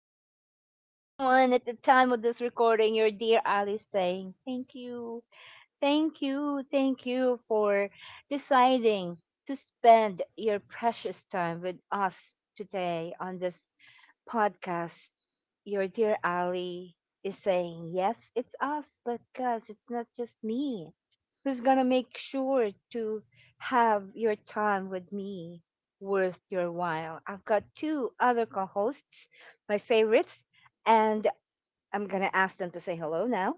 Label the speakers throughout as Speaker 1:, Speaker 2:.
Speaker 1: holidays, everyone, at the time of this recording. Your dear Alice saying, thank you, thank you, thank you for deciding to spend your precious time with us today on this podcast. Your dear Ali is saying, yes, it's us, but guys, it's not just me. Who's gonna make sure to have your time with me worth your while? I've got two other co hosts, my favorites, and I'm gonna ask them to say hello now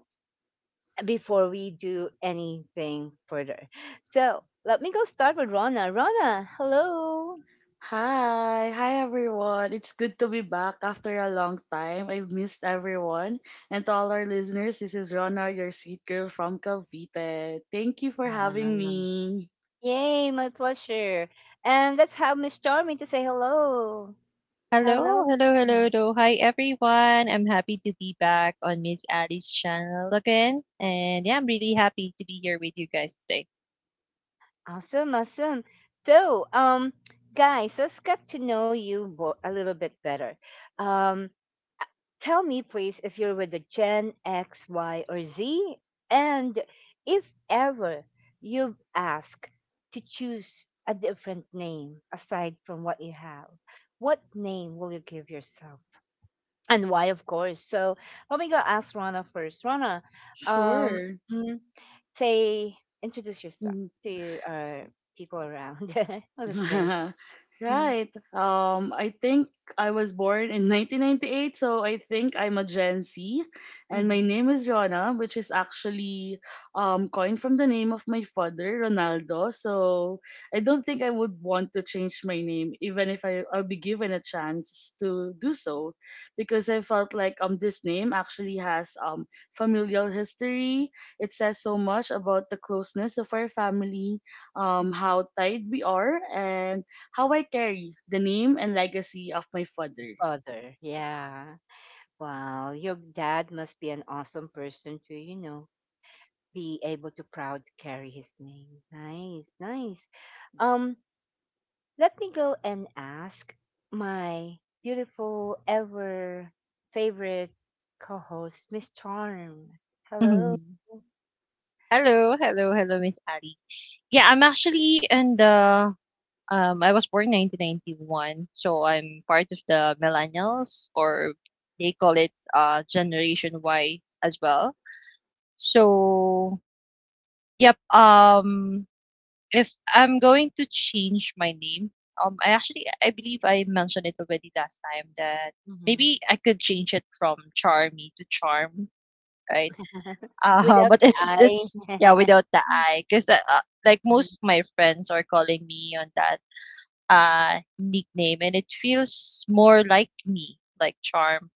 Speaker 1: before we do anything further. So let me go start with Rona. Rona, hello.
Speaker 2: Hi, everyone. It's good to be back after a long time. I've missed everyone. And to all our listeners, this is Rona, your sweet girl from Cavite. Thank you for having me.
Speaker 1: Yay, my pleasure. And let's have Miss Charmy to say hello.
Speaker 3: Hello,
Speaker 1: Hello.
Speaker 3: hello, hello,
Speaker 1: Mhm.
Speaker 3: hello. Hi, everyone. I'm happy to be back on Miss Ali's channel again. And yeah, I'm really happy to be here with you guys today.
Speaker 1: Awesome, awesome. So guys, let's get to know you a little bit better. Um, uh, Tell me, please, if you're with the Gen X, Y, or Z, and if ever you've asked to choose a different name aside from what you have, what name will you give yourself? And why, of course. So let me go ask Rana first. Rana, um,
Speaker 2: Sure.
Speaker 1: mm, say, introduce yourself
Speaker 2: Mhm.
Speaker 1: to our people around, our listeners. hmm
Speaker 2: Right. I think I was born in 1998, so I think I'm a Gen Z, and my
Speaker 1: hmm
Speaker 2: name is Rona, which is actually coined from the name of my father, Ronaldo. So I don't think I would want to change my name, even if I'll be given a chance to do so, because I felt like this name actually has familial history. It says so much about the closeness of our family,
Speaker 1: Mm-hmm.
Speaker 2: how tied we are, and how I carry the name and legacy of my father.
Speaker 1: Father,
Speaker 2: So,
Speaker 1: yeah. Wow, your dad must be an awesome person to, you know, be able to proud to carry his name. Nice, nice. Um, Let me go and ask my beautiful, ever favorite co host, Miss Charm. Hello.
Speaker 3: Hello, hello, hello, Miss Ali. Yeah, I'm actually in I was born 1991. So I'm part of the millennials, or they call it Generation Y as well. So, yep. If I'm going to change my name, I believe I mentioned it already last time that
Speaker 1: Mhm.
Speaker 3: maybe I could change it from Charmy to Charm, right?
Speaker 1: Without
Speaker 3: But
Speaker 1: the
Speaker 3: it's yeah
Speaker 1: eye.
Speaker 3: without the I, because like
Speaker 1: Mhm,
Speaker 3: most of my friends are calling me on that nickname, and it feels more like me, like Charm.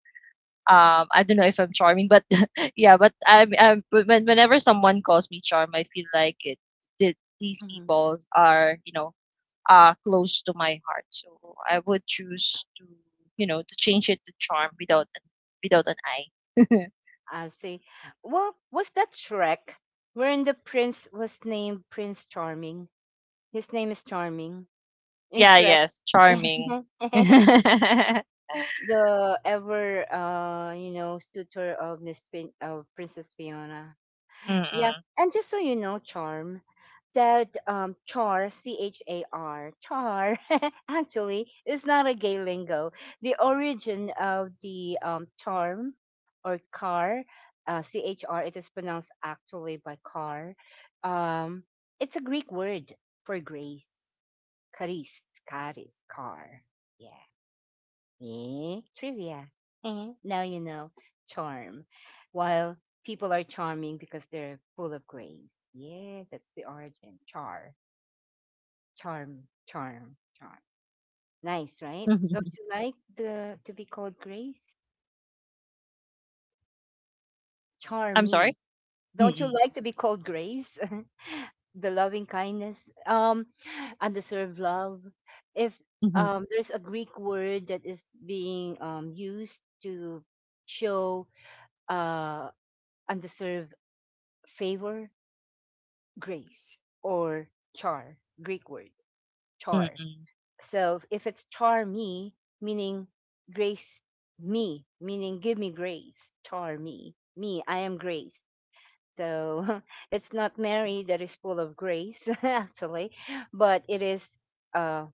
Speaker 3: I don't know if I'm charming, but yeah, but whenever someone calls me Charm, I feel like it. That These
Speaker 1: mhm.
Speaker 3: people are, you know, close to my heart. So I would choose to, you know, to change it to charm without an I.
Speaker 1: I see. Well, was that Shrek wherein the prince was named Prince Charming? His name is Charming in
Speaker 3: Yeah,
Speaker 1: Shrek.
Speaker 3: yes, charming. Mm-mm.
Speaker 1: The ever, you know, suitor of of Princess Fiona. Yeah. And just so you know, charm, that char, C H A R, char, actually is not a gay lingo. The origin of the charm or car, CHR, it is pronounced actually by car. Um, it's a Greek word for grace, charis, charis, car. Yeah. Eh, trivia. Eh, now you know charm. While people are charming because they're full of grace. Yeah, that's the origin. Char, charm, charm, charm. Nice, right? Don't you like the to be called grace?
Speaker 3: I'm
Speaker 1: Charming.
Speaker 3: sorry.
Speaker 1: Don't you
Speaker 3: Mm-mm.
Speaker 1: like to be called grace? The loving kindness, undeserved love. If
Speaker 3: Mhm.
Speaker 1: there's a Greek word that is being used to show uh, undeserved favor, grace, or char, Greek word, char.
Speaker 3: Mm-mm.
Speaker 1: So if it's char me, meaning grace me, meaning give me grace, char me, me, I am grace. So it's not Mary that is full of grace, actually, but it is, uh,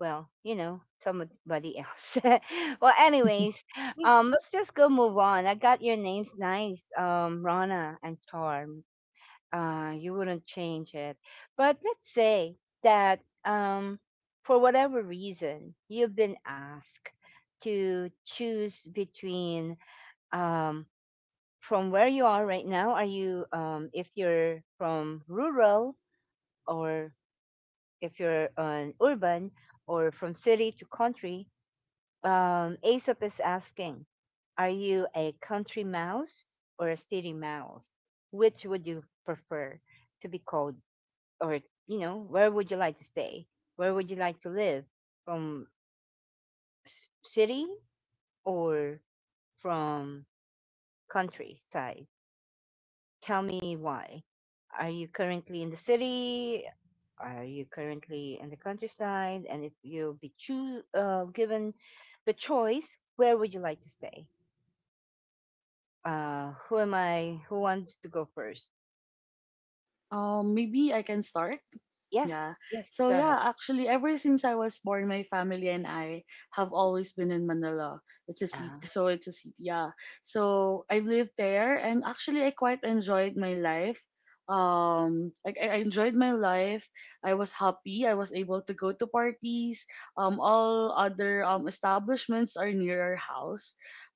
Speaker 1: well, you know, somebody else. Well, anyways, let's just go move on. I got your names nice, Rana and Charm. Uh, you wouldn't change it. But let's say that for whatever reason, you've been asked to choose between um, from where you are right now. Are you, if you're from rural or if you're an urban or from city to country, Aesop is asking, are you a country mouse or a city mouse? Which would you prefer to be called? Or you know, where would you like to stay, where would you like to live, from city or from countryside? Tell me why. Are you currently in the city, are you currently in the countryside, and if you'll be given the choice, where would you like to stay? Uh, who am I, who wants to go first?
Speaker 2: Maybe I can start.
Speaker 1: Yes,
Speaker 2: Yeah.
Speaker 1: yes,
Speaker 2: So
Speaker 1: go ahead.
Speaker 2: yeah, actually, ever since I was born, my family and I have always been in Manila. It's a city,
Speaker 1: uh,
Speaker 2: so it's a city. Yeah. So I've lived there, and actually, I quite enjoyed my life. I enjoyed my life. I was happy. I was able to go to parties. All other establishments are near our house.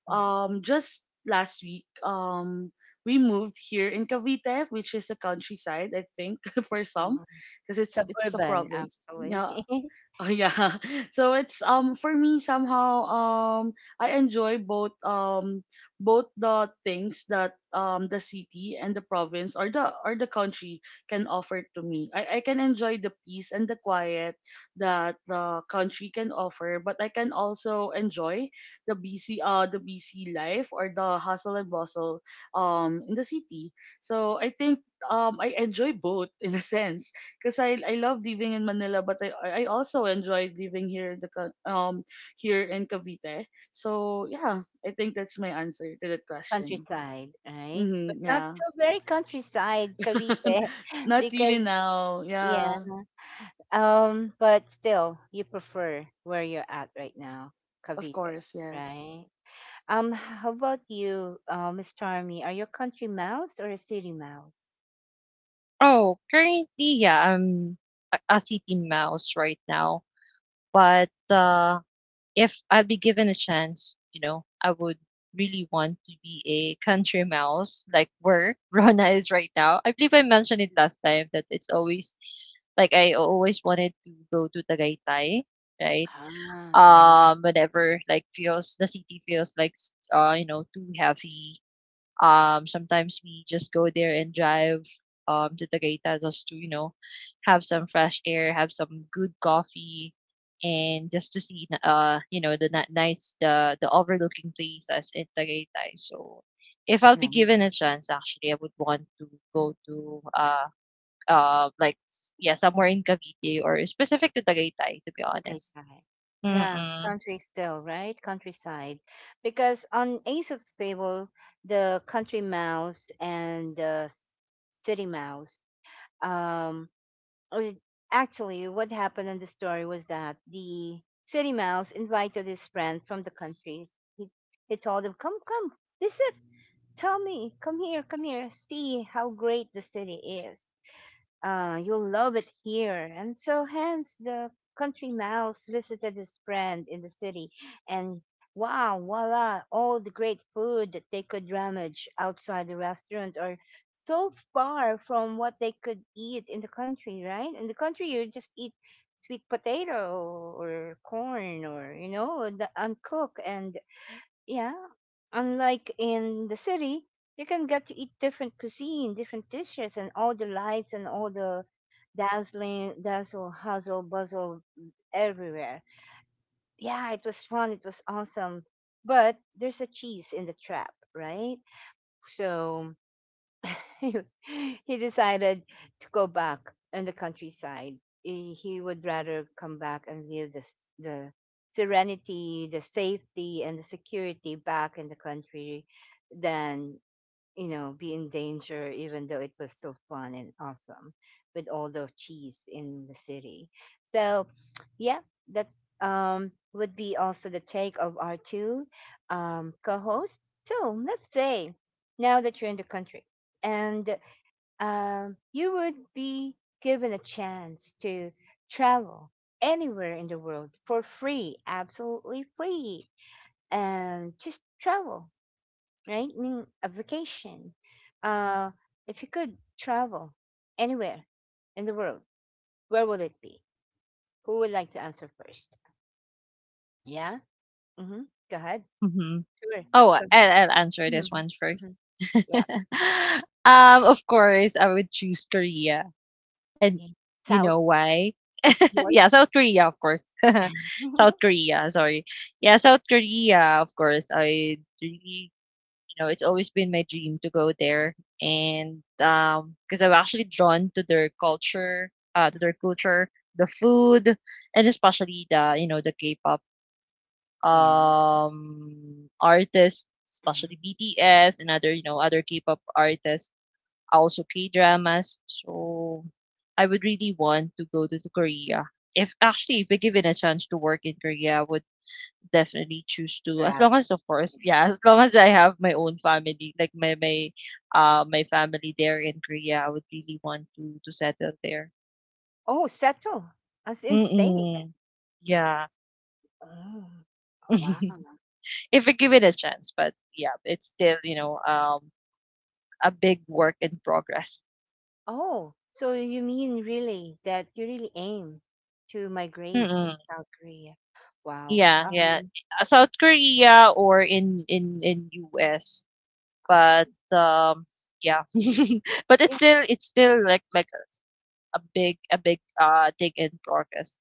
Speaker 1: mhm,
Speaker 2: Just last week, we moved here in Cavite, which is a countryside, I think, for
Speaker 1: uh,
Speaker 2: some, because it's a
Speaker 1: Suburban
Speaker 2: province.
Speaker 1: actually.
Speaker 2: Yeah. Oh yeah. So it's for me somehow I enjoy both, both the things that the city and the province or the country can offer to me. I can enjoy the peace and the quiet that the country can offer, but I can also enjoy the busy life or the hustle and bustle in the city. So I think I enjoy both in a sense because I love living in Manila, but I also enjoy living here in here in Cavite. So yeah, I think that's my answer to that question.
Speaker 1: Countryside, right? But
Speaker 2: Hmm.
Speaker 1: not
Speaker 2: Yeah,
Speaker 1: so very countryside, Cavite,
Speaker 2: not really
Speaker 1: because
Speaker 2: now.
Speaker 1: yeah.
Speaker 2: Yeah.
Speaker 1: But still, you prefer where you're at right now,
Speaker 2: Of
Speaker 1: Cavite,
Speaker 2: course, yes.
Speaker 1: right? How about you, Miss Charmy? Are you a country mouse or a city mouse?
Speaker 3: Oh, currently, yeah, I'm a city mouse right now, but if I would be given a chance, you know, I would really want to be a country mouse like where Rona is right now. I believe I mentioned it last time that it's always like I always wanted to go to Tagaytay, right?
Speaker 1: Ah, yeah.
Speaker 3: Whenever like feels the city feels like you know, too heavy, sometimes we just go there and drive, to Tagaytay just to, you know, have some fresh air, have some good coffee, and just to see, you know, the nice, the overlooking places in Tagaytay. So, if I'll be
Speaker 1: Mm.
Speaker 3: given a chance, actually, I would want to go to, like, yeah, somewhere in Cavite or specific to Tagaytay, to be
Speaker 1: Okay,
Speaker 3: honest.
Speaker 1: guy. Yeah,
Speaker 3: Mm-mm.
Speaker 1: country still, right? Countryside. Because on Ace of Table, the country mouse and the city mouse, um, Uh, actually, what happened in the story was that the city mouse invited his friend from the country. He, he told him, come, come, visit. Tell me, come here, see how great the city is. You'll love it here. And so, hence, the country mouse visited his friend in the city, and wow, voila, all the great food that they could rummage outside the restaurant are so far from what they could eat in the country, right? In the country, you just eat sweet potato or corn or, you know, the uncooked and yeah, unlike in the city, you can get to eat different cuisine, different dishes, and all the lights and all the dazzling, dazzle, hustle, bustle everywhere. Yeah, it was fun. It was awesome. But there's a cheese in the trap, right? So he he decided to go back in the countryside. He would rather come back and live the, the serenity, the safety, and the security back in the country than, you know, be in danger, even though it was so fun and awesome with all the cheese in the city. So, yeah, that's would be also the take of our two co-hosts. So let's say now that you're in the country and you would be given a chance to travel anywhere in the world for free, absolutely free, and just travel, right? I mean, a vacation. Uh, if you could travel anywhere in the world, where would it be? Who would like to answer first? Yeah. Mm-hmm. Go ahead.
Speaker 3: Mm-hmm.
Speaker 1: Sure.
Speaker 3: Oh, I
Speaker 1: Go ahead.
Speaker 3: I'll answer this one
Speaker 1: Mm-hmm. Mm-hmm.
Speaker 3: first.
Speaker 1: Yeah.
Speaker 3: Of course, I would choose Korea. And
Speaker 1: Yeah.
Speaker 3: you
Speaker 1: South,
Speaker 3: know why?
Speaker 1: north,
Speaker 3: Yeah, South Korea, of course. South Korea, sorry. Yeah, South Korea, of course. I really, you know, it's always been my dream to go there. And because I'm actually drawn to their culture, the food, and especially the, you know, the K-pop
Speaker 1: and mm,
Speaker 3: artists, especially BTS and other, you know, other K-pop artists, also K-dramas. So I would really want to go to Korea. If actually if we given a chance to work in Korea, I would definitely choose to as long
Speaker 1: gravity.
Speaker 3: as of course, yeah, as long as I have my own family, like my family there in Korea, I would really want to settle there.
Speaker 1: Oh, settle, as in stay there.
Speaker 3: Mm-mm. Yeah.
Speaker 1: Oh, wow.
Speaker 3: If we give it a chance, but yeah, it's still, you know, a big work in progress.
Speaker 1: Oh, so you mean really that you really aim to migrate
Speaker 3: Mm-mm.
Speaker 1: in South Korea? Wow.
Speaker 3: Yeah, yeah. South Korea or in in US,
Speaker 1: I
Speaker 3: but
Speaker 1: see.
Speaker 3: um, yeah, but it's
Speaker 1: Yeah.
Speaker 3: still it's still like a big thing in progress.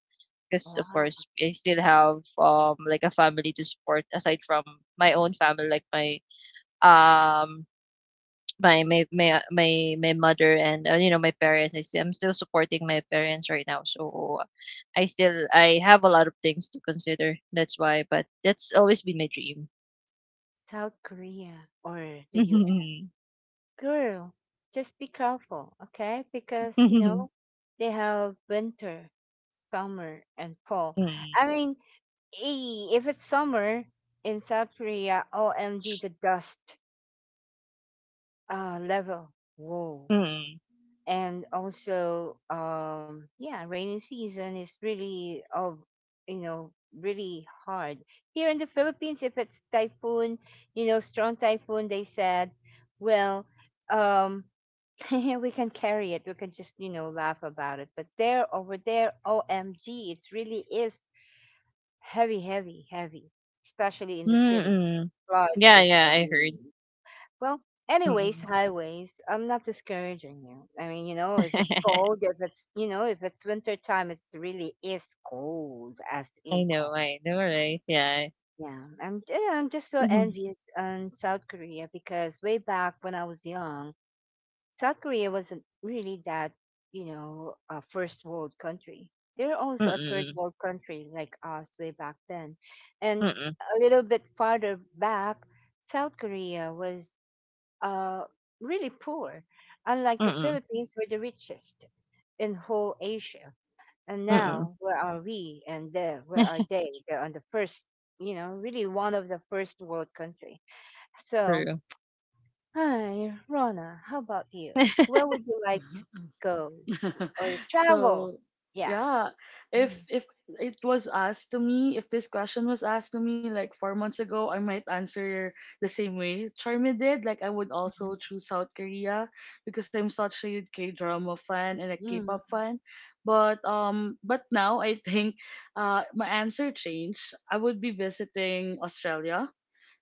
Speaker 3: Because of
Speaker 1: Wow.
Speaker 3: course I still have like a family to support aside from my own family, like um my mother and, you know, my parents, I'm still supporting my parents right now. So, I have a lot of things to consider. That's why, but that's always been my dream.
Speaker 1: South Korea or the US. Girl, just be careful, okay? Because, you
Speaker 3: Mm,
Speaker 1: know, they have winter, summer, and fall. I mean, eh, if it's summer in South Korea, OMG, the dust level, whoa.
Speaker 3: mm,
Speaker 1: And also yeah, rainy season is really of, you know, really hard here in the Philippines. If it's typhoon, you know, strong typhoon, they said, well, um we can carry it, we can just, you know, laugh about it, but there, over there, OMG, it really is heavy, heavy, heavy, especially in the city.
Speaker 3: mm.
Speaker 1: Flood
Speaker 3: Yeah,
Speaker 1: is
Speaker 3: yeah, I heard.
Speaker 1: everywhere. Well, anyways,
Speaker 3: Mm.
Speaker 1: highways, I'm not discouraging you. I mean, you know, if it's cold, if it's, you know, if it's winter time, it's really is cold as in cold.
Speaker 3: I know, right? Yeah.
Speaker 1: Yeah, I'm just so
Speaker 3: Mm-mm,
Speaker 1: envious on South Korea because way back when I was young, South Korea wasn't really that, you know, a first world country. They were also a third
Speaker 3: mm-mm,
Speaker 1: world country like us way back then. And
Speaker 3: mm-mm,
Speaker 1: a little bit farther back, South Korea was uh, really poor, unlike the
Speaker 3: mm-mm,
Speaker 1: Philippines were the richest in whole Asia. And
Speaker 3: mm-mm.
Speaker 1: now, where are we and there, where are they? They're on the first, you know, really one of the first world country. So,
Speaker 3: True.
Speaker 1: hi, Rona, how about you? Where would you like to go or travel?
Speaker 2: So,
Speaker 1: Yeah.
Speaker 2: yeah, if
Speaker 1: Mhm.
Speaker 2: if it was asked to me, if this question was asked to me like 4 months ago, I might answer the same way Charmy did. Like I would also choose South Korea because I'm such a K-drama fan and a
Speaker 1: Mm.
Speaker 2: K-pop fan. But now I think my answer changed. I would be visiting Australia.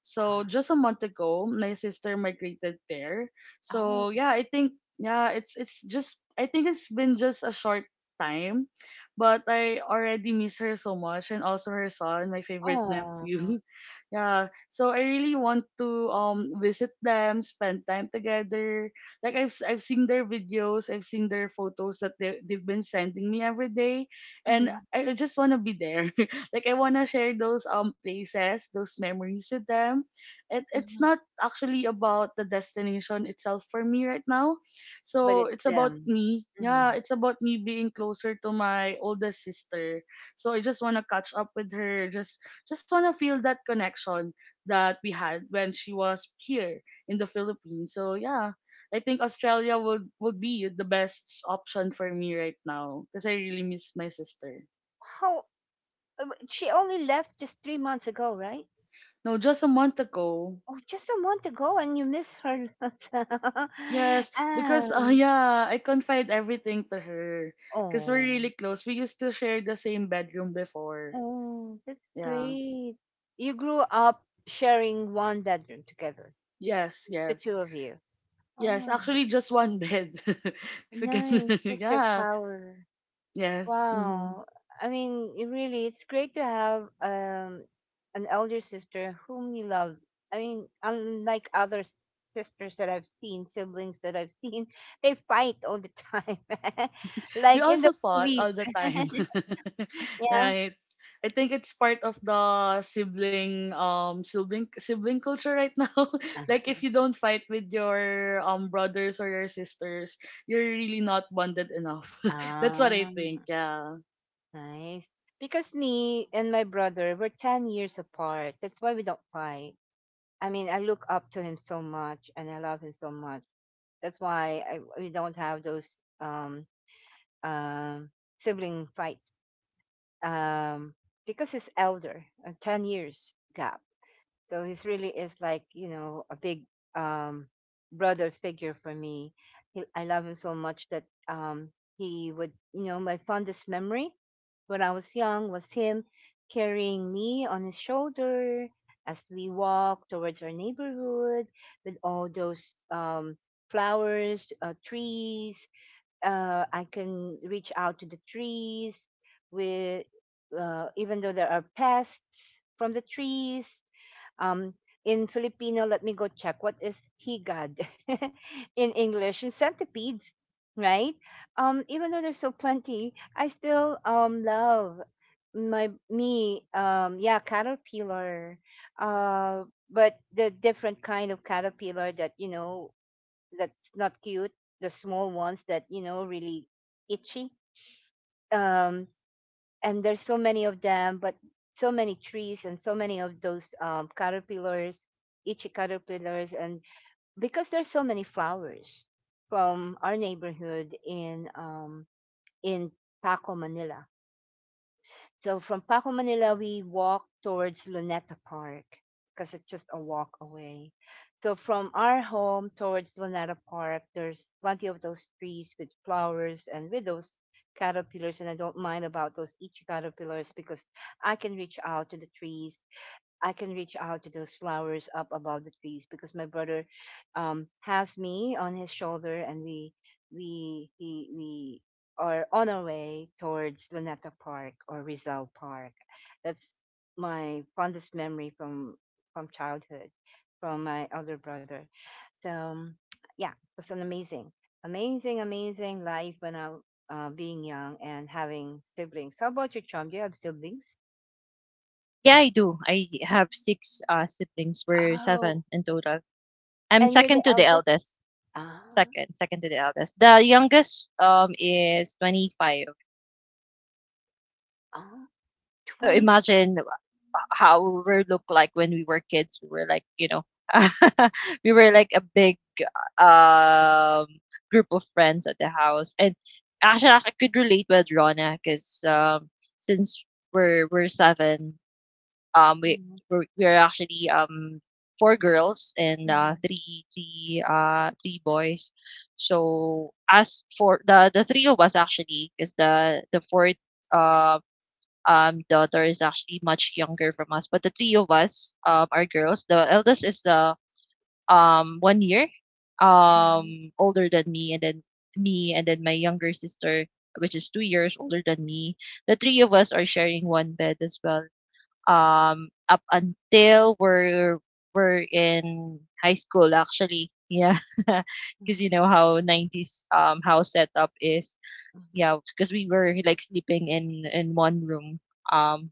Speaker 2: So
Speaker 1: Ah.
Speaker 2: just a month ago, my sister migrated there.
Speaker 1: Oh,
Speaker 2: So yeah, I think yeah, it's just I think it's been just a short time, but I already miss her so much, and also her son, my favorite
Speaker 1: oh,
Speaker 2: nephew. Yeah, so I really want to visit them, spend time together. Like I've seen their videos, I've seen their photos that they've been sending me every day, and
Speaker 1: mm,
Speaker 2: I just want to be there. Like I wanna share those places, those memories with them. It it's
Speaker 1: mhm.
Speaker 2: not actually about the destination itself for me right now.
Speaker 1: But
Speaker 2: So
Speaker 1: it's
Speaker 2: it's about
Speaker 1: them.
Speaker 2: me. Yeah,
Speaker 1: Mhm.
Speaker 2: it's about me being closer to my oldest sister. So I just wanna catch up with her. Just wanna feel that connection that we had when she was here in the Philippines. So yeah. I think Australia would be the best option for me right now because I really miss my sister.
Speaker 1: How. She only left just 3 months ago, right?
Speaker 2: No, just a month ago.
Speaker 1: Oh, just a month ago, and you miss her.
Speaker 2: Yes,
Speaker 1: ah,
Speaker 2: because yeah, I confide everything to her because we're
Speaker 1: oh,
Speaker 2: really close. We used to share the same bedroom before.
Speaker 1: oh, that's
Speaker 2: Yeah.
Speaker 1: great. You grew up sharing one bedroom together.
Speaker 2: Yes,
Speaker 1: It's the two
Speaker 2: yes.
Speaker 1: of you.
Speaker 2: Yes,
Speaker 1: Oh,
Speaker 2: actually just one bed. If you can-
Speaker 1: nice sister
Speaker 2: yeah.
Speaker 1: power.
Speaker 2: Yes. Mhm.
Speaker 1: Wow. I mean, it really, it's great to have an elder sister whom you love. I mean, unlike other sisters that I've seen, siblings that I've seen, they fight all the time,
Speaker 2: We
Speaker 1: like in the
Speaker 2: also fought
Speaker 1: movies.
Speaker 2: all the time.
Speaker 1: Yeah.
Speaker 2: Right. I think it's part of the sibling sibling culture right now. Like if
Speaker 1: Uh-huh.
Speaker 2: you don't fight with your brothers or your sisters, you're really not bonded enough. That's what I
Speaker 1: Ah,
Speaker 2: think. Yeah.
Speaker 1: nice. Because me and my brother, we're 10 years apart. That's why we don't fight. I mean, I look up to him so much and I love him so much. That's why we don't have those um, sibling fights um, because he's elder, 10 years gap. So he's really is like, you know, a big um, brother figure for me. I love him so much that he would, you know, my fondest memory when I was young was him carrying me on his shoulder as we walked towards our neighborhood with all those flowers, trees, I can reach out to the trees with even though there are pests from the trees. Um, in Filipino, let me go check what is higad in English in centipedes, right? Even though there's so plenty, I still love my me yeah, caterpillar, uh, but the different kind of caterpillar that you know that's not cute, the small ones that you know really itchy. Um, and there's so many of them, but so many trees and so many of those caterpillars, itchy caterpillars, and because there's so many flowers from our neighborhood in Paco, Manila, so from Paco, Manila, we walked towards Luneta Park because it's just a walk away. So from our home towards Luneta Park, there's plenty of those trees with flowers and with those caterpillars. And I don't mind about those each caterpillars because I can reach out to the trees. I can reach out to those flowers up above the trees because my brother has me on his shoulder, and we are on our way towards Luneta Park or Rizal Park. That's my fondest memory from childhood, from my elder brother. So yeah, it was an amazing, amazing, amazing life when I, being young and having siblings. How about your Chum? Do you have siblings?
Speaker 3: Yeah, I do. I have six siblings. We're
Speaker 1: Oh,
Speaker 3: seven in total. I'm
Speaker 1: and you're the
Speaker 3: second to the
Speaker 1: eldest.
Speaker 3: eldest.
Speaker 1: Ah,
Speaker 3: Second to the eldest. The youngest is 25.
Speaker 1: ah,
Speaker 3: So
Speaker 1: 24.
Speaker 3: imagine how we were look like when we were kids. We were like, you know, we were like a big um group of friends at the house. And actually, I could relate with Rona because since we're seven, um,
Speaker 1: Mhm,
Speaker 3: we're actually four girls and
Speaker 1: mhm,
Speaker 3: three boys. So as for the three of us, actually, is the fourth uh daughter is actually much younger from us, but the three of us are girls. The eldest is the 1 year
Speaker 1: mhm,
Speaker 3: older than me, and then me, and then my younger sister, which is 2 years older than me. The three of us are sharing one bed as well, um, up until we're in high school actually, yeah. Because you
Speaker 1: mhm,
Speaker 3: know how 90s house setup is,
Speaker 1: mhm.
Speaker 3: yeah, because we were like sleeping in one room, um,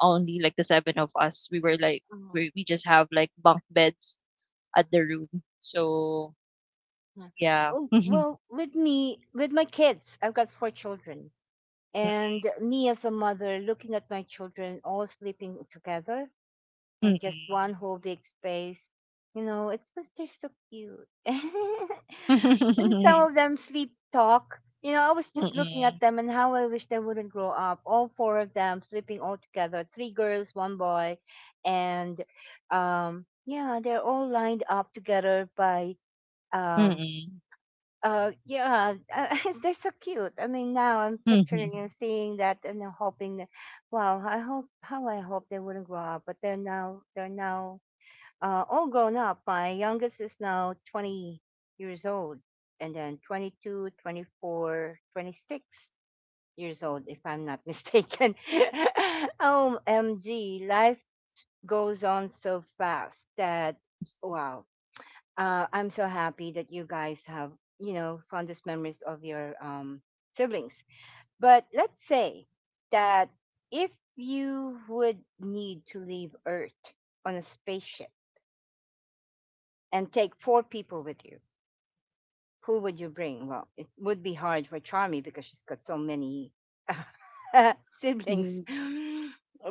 Speaker 3: only like the seven of us. We were like,
Speaker 1: Oh,
Speaker 3: we just have like bunk beds at
Speaker 1: uh,
Speaker 3: the room, so
Speaker 1: yeah.
Speaker 3: yeah.
Speaker 1: Oh, well, with me, with my kids, I've got four children. And me as a mother, looking at my children all sleeping together, in just one
Speaker 3: Mm-mm.
Speaker 1: whole big space. You know, it's because they're so cute. And some
Speaker 3: Mm-mm.
Speaker 1: of them sleep talk. You know, I was just looking
Speaker 3: Mm-mm.
Speaker 1: at them and how I wish they wouldn't grow up. All four of them sleeping all together, three girls, one boy, and yeah, they're all lined up together by, um,
Speaker 3: Mm-mm.
Speaker 1: yeah, they're so cute. I mean, now I'm picturing and seeing that and I'm hoping that, wow, I hope, how I hope they wouldn't grow up, but they're now all grown up. My youngest is now 20 years old, and then 22, 24, 26 years old, if I'm not mistaken. OMG, life goes on so fast that, wow. I'm so happy that you guys have, fondest memories of your siblings. But let's say that if you would need to leave Earth on a spaceship and take four people with you, who would you bring? Well, it would be hard for Charmy because she's got so many siblings.
Speaker 2: Mhm.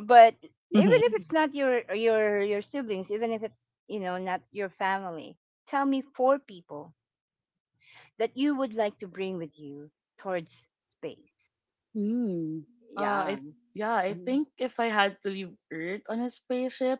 Speaker 1: But even if, mhm, it's not your siblings, even if it's, not your family, tell me four people that you would like to bring with you towards space.
Speaker 2: Hmm. Uh, I
Speaker 1: Yeah.
Speaker 2: yeah, I
Speaker 1: Mhm,
Speaker 2: think if I had to leave Earth on a spaceship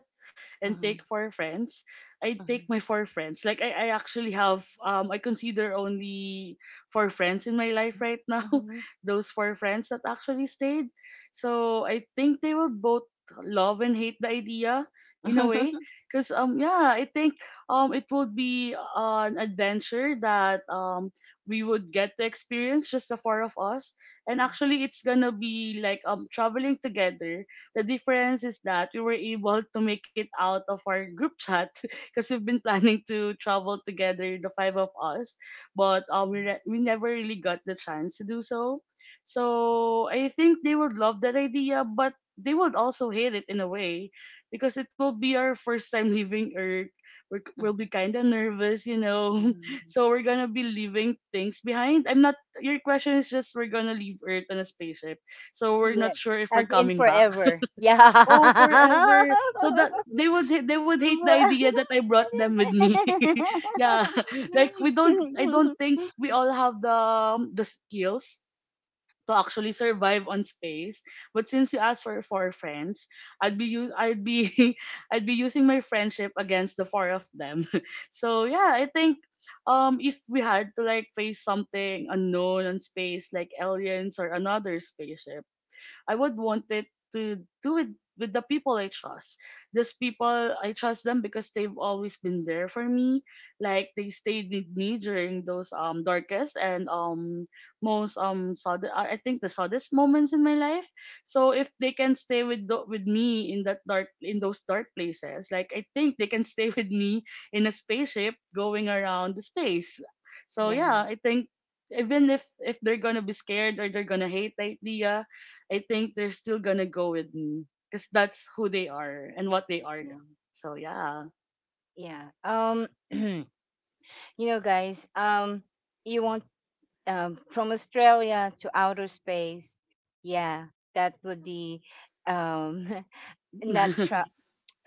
Speaker 2: and take
Speaker 1: mhm,
Speaker 2: four friends, I'd take
Speaker 1: mhm,
Speaker 2: my four friends. Like I actually have I consider only four friends in my life right now.
Speaker 1: mhm,
Speaker 2: Those four friends that actually stayed. So I think they will both love and hate the idea in a way
Speaker 1: mhm,
Speaker 2: because yeah I think it would be an adventure that we would get to experience just the four of us. And actually it's gonna be like traveling together. The difference is that we were able to make it out of our group chat because we've been planning to travel together the five of us, but we never really got the chance to do so. So I think they would love that idea, but they would also hate it in a way because it will be our first time leaving Earth. We'll
Speaker 1: mhm,
Speaker 2: be kind of nervous, you know.
Speaker 1: mhm.
Speaker 2: So we're gonna be leaving things behind. I'm not Your question is just we're gonna leave Earth on a spaceship, so we're not
Speaker 1: Yes,
Speaker 2: sure if we're
Speaker 1: as in
Speaker 2: coming back.
Speaker 1: forever. Yeah.
Speaker 2: Oh, forever. So that they would they would hate the idea that I brought them with me. Yeah. Like we don't. I don't think we all have the skills to actually survive on space. But since you asked for four friends, I'd be use I'd be I'd be using my friendship against the four of them. So yeah, I think if we had to like face something unknown on space like aliens or another spaceship, I would want it to do it with the people I trust. These people, I trust them because they've always been there for me. Like they stayed with me during those darkest and most sudden, I think the saddest moments in my life. So if they can stay with me in that dark in those dark places, like I think they can stay with me in a spaceship going around the space. So yeah,
Speaker 1: Yeah,
Speaker 2: I think even if they're gonna be scared or they're gonna hate the idea, I think they're still gonna go with me because that's who they are and what they are.
Speaker 1: yeah,
Speaker 2: So yeah.
Speaker 1: yeah. You know, guys, you want, from Australia to outer space? Yeah, that would be, um not tra-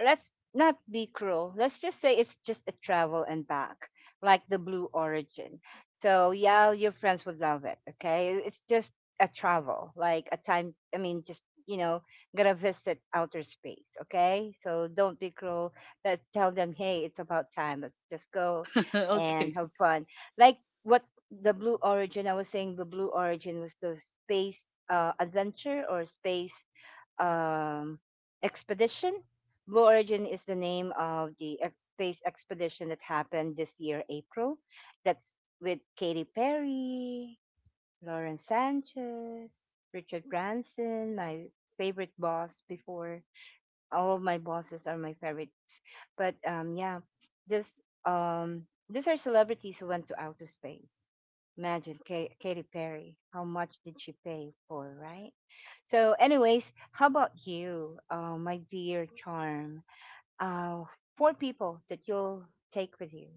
Speaker 1: let's not be cruel. Let's just say it's just a travel and back, like the Blue Origin. So yeah, your friends would love it. Okay, it's just a travel, like a time. I mean, just, gonna visit outer space. Okay, so don't be cruel. Let's tell them, hey, it's about time. Let's just go and
Speaker 2: Okay.
Speaker 1: have fun. Like what the Blue Origin. I was saying the Blue Origin was the space, adventure, or space um, expedition. Blue Origin is the name of the space expedition that happened this year, April. That's with Katy Perry, Lauren Sanchez, Richard Branson, my favorite boss before. All of my bosses are my favorites. But yeah, this these are celebrities who went to outer space. Imagine Katy Perry. How much did she pay for, right? So, anyways, how about you, my dear Charm? Uh, four people that you'll take with you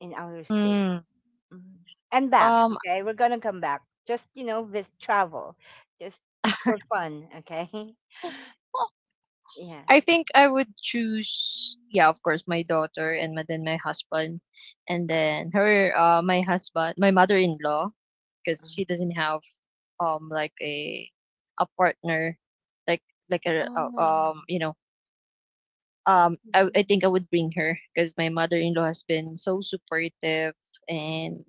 Speaker 1: in outer space,
Speaker 3: Mm.
Speaker 1: mhm, and back.
Speaker 3: Um,
Speaker 1: Okay, we're gonna come back. Just, with travel, just for fun. Okay, yeah.
Speaker 3: I think I would choose, yeah, of course, my daughter and my, then my husband, and
Speaker 1: Uh-uh.
Speaker 3: then her, my husband, my mother-in-law, because she doesn't have like a partner, like a
Speaker 1: Oh.
Speaker 3: you know, um, I think I
Speaker 1: Mm-hmm.
Speaker 3: would bring her because my mother-in-law has been so supportive and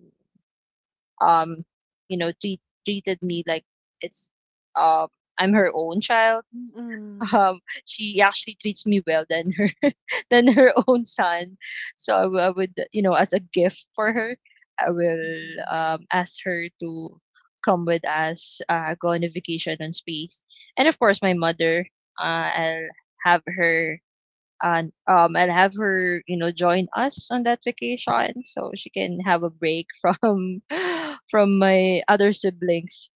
Speaker 3: um you know treated me like it's um I'm her own child.
Speaker 1: Mm-hmm.
Speaker 3: Um, she actually treats me well than her than her own son. So I, I would, you know, as a gift for her, I will ask her to come with us, go on a vacation on space, and of course my mother. I'll have her and I'll have her, you know, join us on that vacation so she can have a break from from my other siblings.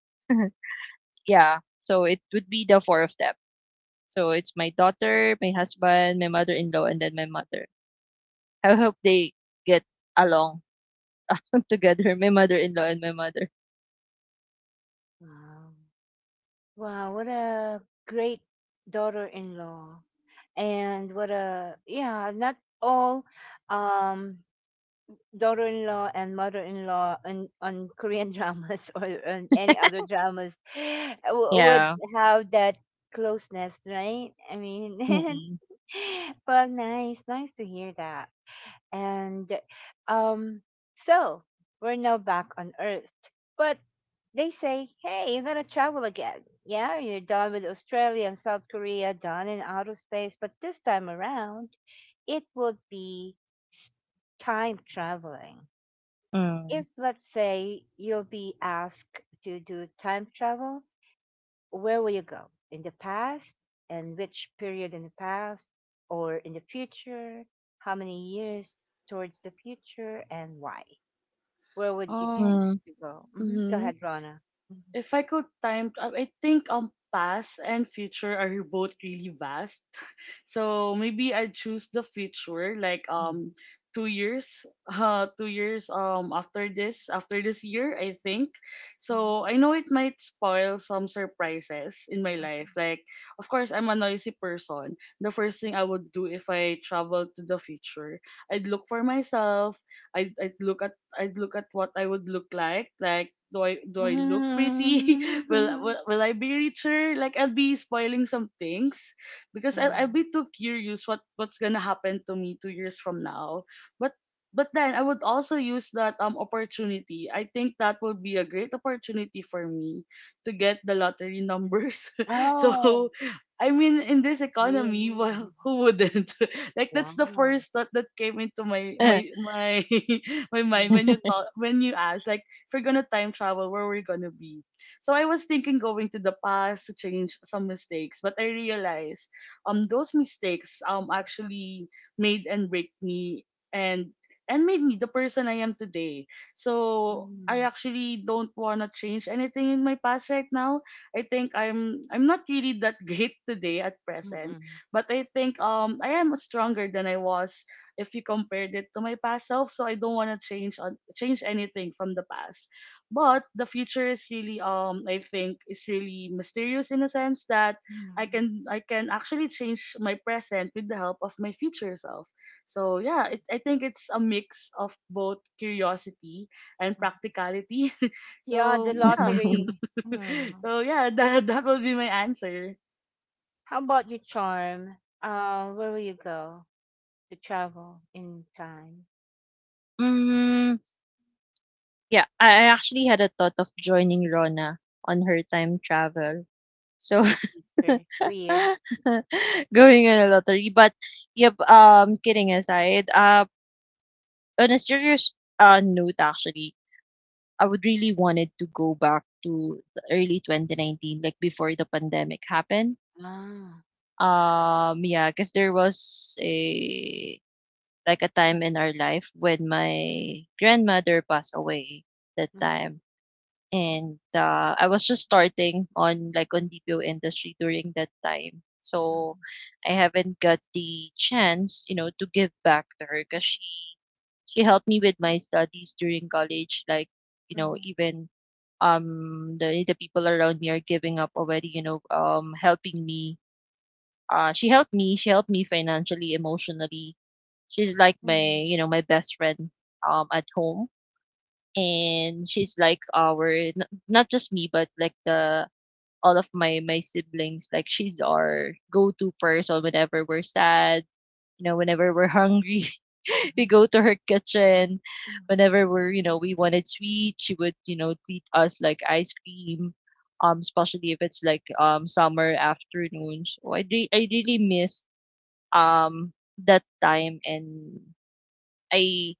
Speaker 3: Yeah, so it would be the four of them, so it's my daughter, my husband, my mother-in-law, and then my mother. I hope they get along together, my mother-in-law and my mother.
Speaker 1: Wow. Wow, what a great daughter-in-law. And what a, yeah, not all um daughter-in-law and mother-in-law on Korean dramas, or on any other dramas would
Speaker 3: Yeah.
Speaker 1: have that closeness, right? I mean,
Speaker 3: Mm-mm.
Speaker 1: well, nice, nice to hear that. And um, so we're now back on Earth. But they say, hey, you're going to travel again. Yeah, you're done with Australia and South Korea, done in outer space. But this time around, it would be s- time traveling.
Speaker 3: Mm.
Speaker 1: If, let's say, you'll be asked to do time travel, where will you go? In the past? And which period in the past, or in the future? How many years towards the future, and why? Where would you
Speaker 2: Um.
Speaker 1: choose
Speaker 3: Mm.
Speaker 1: to go? Hmm, go
Speaker 2: Mhm.
Speaker 1: ahead, Rana. Mm-hmm.
Speaker 2: If I could time, I think past and future are both really vast. So maybe I choose the future, like 2 years, 2 years after this year, I think. So I
Speaker 1: Mm-hmm.
Speaker 2: know it might spoil some surprises in my life. Like of course I'm a noisy person. The first thing I would do if I travel to the future, I'd look for myself. I'd, I'd look at I'd look at what I would look like. Like, do I look pretty? will,
Speaker 1: Mm-hmm.
Speaker 2: will will I be richer? Like, I'll be spoiling some things because I'll
Speaker 1: Mm.
Speaker 2: be too curious what what's gonna happen to me 2 years from now. But but then I would also use that opportunity. I think that would be a great opportunity for me to get the lottery numbers. So
Speaker 1: Oh,
Speaker 2: I mean, in this
Speaker 1: yeah.
Speaker 2: economy, well, who wouldn't? Like that's the
Speaker 1: Wow.
Speaker 2: first thought that came into my
Speaker 3: Eh.
Speaker 2: my my my mind when you
Speaker 1: Mhm.
Speaker 2: thought when you asked like if we're gonna time travel where we're gonna be. So I was thinking going to the past to change some mistakes, but I realized those mistakes actually made and break me and and made me the person I am today. So I
Speaker 1: Mhm.
Speaker 2: actually don't wanna change anything in my past right now. I think I'm not really that great today at present,
Speaker 1: Mhm.
Speaker 2: but I think I am stronger than I was if you compared it to my past self. So I don't want to change anything from the past. But the future is really I think is really mysterious in a sense that I
Speaker 1: Mhm.
Speaker 2: can I can actually change my present with the help of my future self. So yeah, it, I think it's a mix of both curiosity and practicality.
Speaker 1: Yeah,
Speaker 2: So
Speaker 1: the
Speaker 2: yeah.
Speaker 1: lottery. Mm.
Speaker 2: So yeah, that will be my answer.
Speaker 1: How about your Charm? Where will you go to travel in time
Speaker 3: Mm, yeah, I actually had a thought of joining Rona on her time travel. So
Speaker 1: for 2 years?
Speaker 3: going on a lottery, but yep. Kidding aside, on a serious note, actually, I would really wanted to go back to the early 2019, like before the pandemic happened.
Speaker 1: Ah.
Speaker 3: Yeah, because there was a like a time in our life when my grandmother passed away that
Speaker 1: Mhm,
Speaker 3: time, and I was just starting on like on DPO industry during that time. So
Speaker 1: mhm,
Speaker 3: I haven't got the chance, you know, to give back to her because she helped me with my studies during college, like you know,
Speaker 1: mhm,
Speaker 3: even the people around me are giving up already, you know, helping me. Uh, she helped me financially, emotionally. She's like my
Speaker 1: mhm,
Speaker 3: you know my best friend at home, and she's like our not just me, but like the all of my my siblings. Like she's our go-to person whenever we're sad, you know, whenever we're hungry, we
Speaker 1: mhm,
Speaker 3: go to her kitchen. Whenever we're, you know, we wanted sweet, she would, you know, treat us like ice cream. Especially if it's like summer afternoons. So I really miss um that time, and I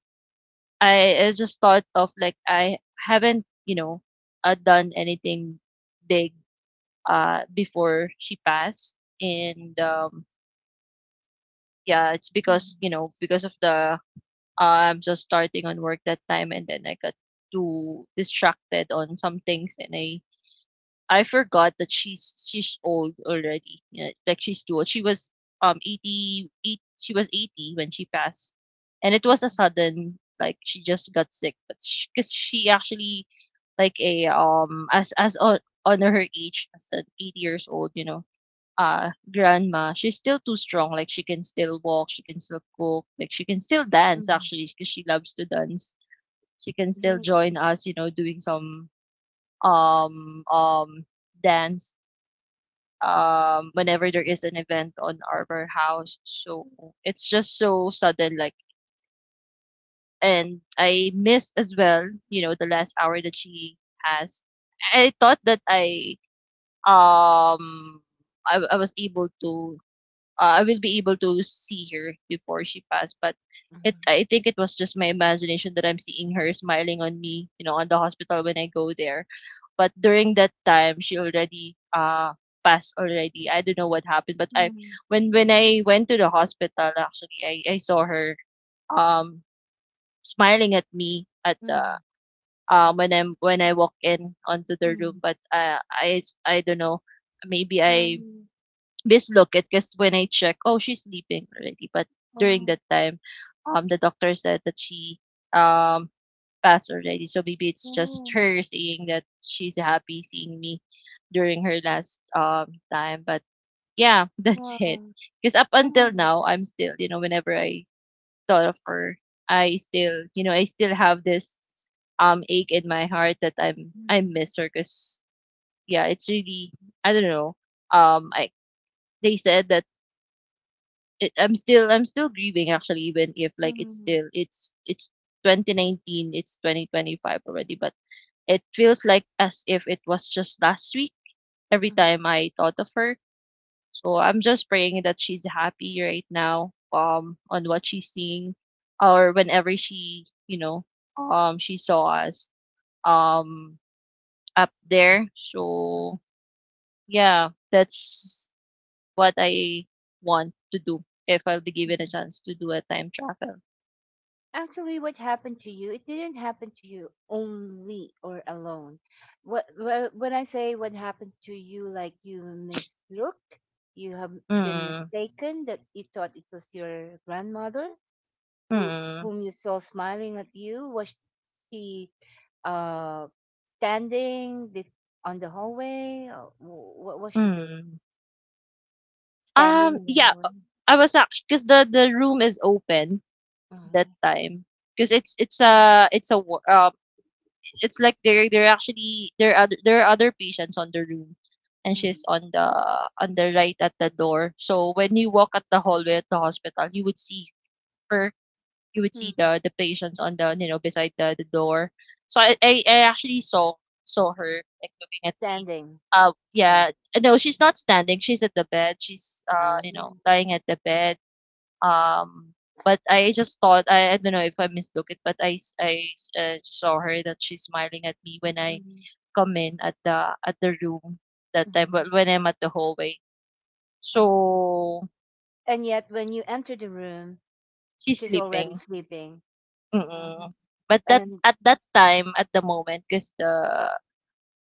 Speaker 3: I just thought of like I haven't, you know, done anything big before she passed, and yeah, it's because you
Speaker 1: mhm,
Speaker 3: know because of the. I'm just starting on work that time, and then I got too distracted on some things, and I forgot that she's old already. Yeah, like she's too old. She was 88. She was 80 when she passed, and it was a
Speaker 1: mhm,
Speaker 3: sudden like she just got sick, but because she, actually like a on her age as an 80 years old, you know grandma, she's still too strong. Like she can still walk, she can still cook, like she can still dance
Speaker 1: mhm,
Speaker 3: actually because she loves to dance. She can still
Speaker 1: mhm,
Speaker 3: join us, you know, doing some um um dance whenever there is an event on our house. So it's just so sudden, like, and I miss as well, you know, the last hour that she has. I thought that um I was able to I will be able to see her before she passed. But it, I think it was just my imagination that I'm seeing her smiling on me, you know, on the hospital when I go there. But during that time, she already passed already. I don't know what happened, but
Speaker 1: mhm,
Speaker 3: I,
Speaker 1: mhm,
Speaker 3: when I went to the hospital, actually, I saw her um smiling at me at the
Speaker 1: mhm,
Speaker 3: when I'm when I walk in onto the room.
Speaker 1: mhm,
Speaker 3: But I don't know, maybe I
Speaker 1: um,
Speaker 3: mislook it because when I check, oh, she's sleeping already. But during
Speaker 1: oh,
Speaker 3: that time, the doctor said that she um passed already. So maybe it's just
Speaker 1: oh,
Speaker 3: her saying that she's happy seeing me during her last time. But yeah, that's it.
Speaker 1: wow,
Speaker 3: Because up until
Speaker 1: wow.
Speaker 3: now, I'm still, whenever I thought of her, I still, I still have this ache in my heart that I
Speaker 1: Mhm,
Speaker 3: miss her. Because yeah, it's really I don't know. I they said that I'm still grieving actually, even if like it's
Speaker 1: mhm,
Speaker 3: still it's it's 2019, it's 2025 already, but it feels like as if it was just last week every
Speaker 1: mhm,
Speaker 3: time I thought of her. So I'm just praying that she's happy right now, on what she's seeing, or whenever she, she saw us, um, up there.
Speaker 1: mhm,
Speaker 3: So yeah, that's what I want to do if I'll be given
Speaker 1: mhm.
Speaker 3: a chance to do a time travel.
Speaker 1: Actually, what happened to you, it didn't happen to you only or alone. What, when I say what happened to you, like you mislooked, you have been
Speaker 3: Mm,
Speaker 1: mistaken, that you thought it was your grandmother who
Speaker 3: mm,
Speaker 1: whom you saw smiling at you. Was she, uh standing on the hallway, or what was she doing,
Speaker 3: mm.
Speaker 1: standing in the
Speaker 3: Yeah,
Speaker 1: hallway?
Speaker 3: I was actually because the room is open that
Speaker 1: Mhm,
Speaker 3: time, because it's a wo it's like there actually there are other patients on the room, and she's
Speaker 1: mhm.
Speaker 3: on the right at the door. So when you walk at the hallway at the hospital, you would see her, you would see
Speaker 1: Mm.
Speaker 3: the patients on the you know beside the door. So I actually saw her like looking at me.
Speaker 1: Standing. Yeah,
Speaker 3: Yeah, no, she's not standing. She's at the bed. She's you know
Speaker 1: mm-hmm.
Speaker 3: lying at the bed. Um, but I just thought I don't know if I mislooked it, but saw her that she's smiling at me when I come in at the room that time.
Speaker 1: Mm-hmm.
Speaker 3: But when I'm at the hallway,
Speaker 1: Uh-huh.
Speaker 3: so
Speaker 1: And yet, when you enter the room,
Speaker 3: she's
Speaker 1: she's already
Speaker 3: sleeping.
Speaker 1: sleeping.
Speaker 3: Mm.
Speaker 1: Mhm.
Speaker 3: But that
Speaker 1: And,
Speaker 3: at that time, at the moment, cause the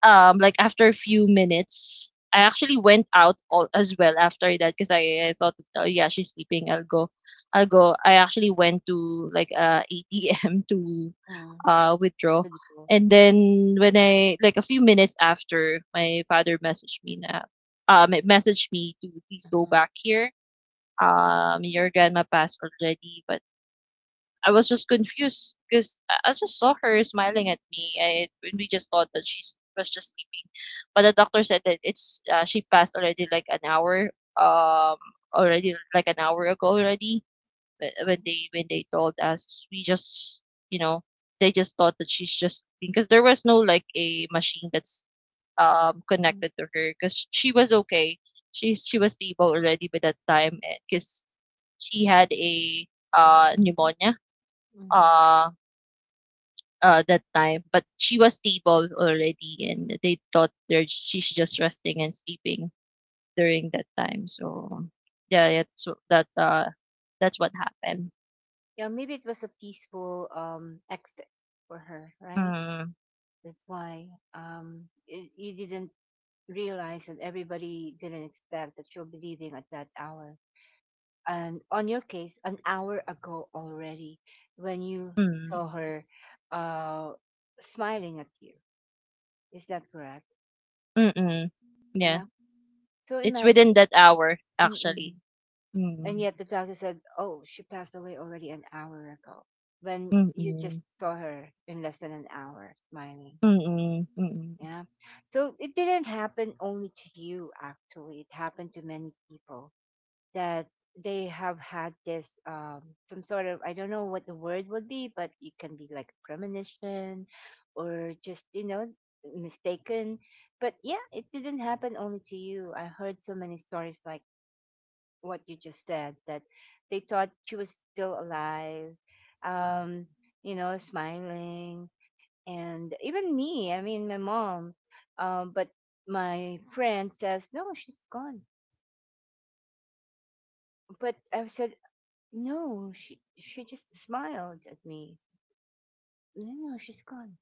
Speaker 3: like after a few minutes, I actually went out all as well after that, cause I thought, "Oh, yeah, she's sleeping. I'll go." I actually went to, like, a ATM to,
Speaker 1: mm,
Speaker 3: withdraw.
Speaker 1: unbelievable.
Speaker 3: And then when I like, a few minutes after, my father messaged me na, it messaged me to, "Please go
Speaker 1: Mhm.
Speaker 3: back here. Your grandma passed already, but I was just confused because I just saw her smiling at me. I and we just thought that she was just sleeping, but the doctor said that it's she passed already like an hour um ago already. But
Speaker 1: Mhm.
Speaker 3: when they told us, we just you know they just thought that she's just sleeping because there was no like a machine that's
Speaker 1: Mm,
Speaker 3: connected to her because she was okay. She was stable already by that time because she had a pneumonia
Speaker 1: mhm,
Speaker 3: uh, that time, but she was stable already, and they thought there she's just resting and sleeping during that time. So yeah so that that's what
Speaker 1: mhm.
Speaker 3: happened.
Speaker 1: Yeah, maybe it was a peaceful exit for her, right?
Speaker 3: Mm,
Speaker 1: That's why, you didn't realize that everybody didn't expect that you'll be leaving at that hour. And on your case, an hour ago already, when you
Speaker 3: mm,
Speaker 1: saw, mhm, her uh smiling at you. Is that correct?
Speaker 3: mm-mm. Yeah,
Speaker 1: Yeah. So
Speaker 3: it's within
Speaker 1: imagine,
Speaker 3: that hour actually.
Speaker 1: mm-mm, and
Speaker 3: Mm,
Speaker 1: yet the doctor said, "Oh, she passed away already an hour ago." When you
Speaker 3: mm-mm,
Speaker 1: just saw her in less than an hour, smiling.
Speaker 3: mm-mm, mm-mm,
Speaker 1: Yeah. So it didn't happen only to you. Actually, it happened to many people that they have had this, some sort of, I don't know what the word would be, but it can be like premonition, or just, mistaken. But yeah, it didn't happen only to you. I heard so many stories, like what you just said, that they thought she was still alive, um smiling. And even me, I mean, my mom, but my friend says, no, she's gone. But I said, no, she just smiled at me. No, no, no, she's gone.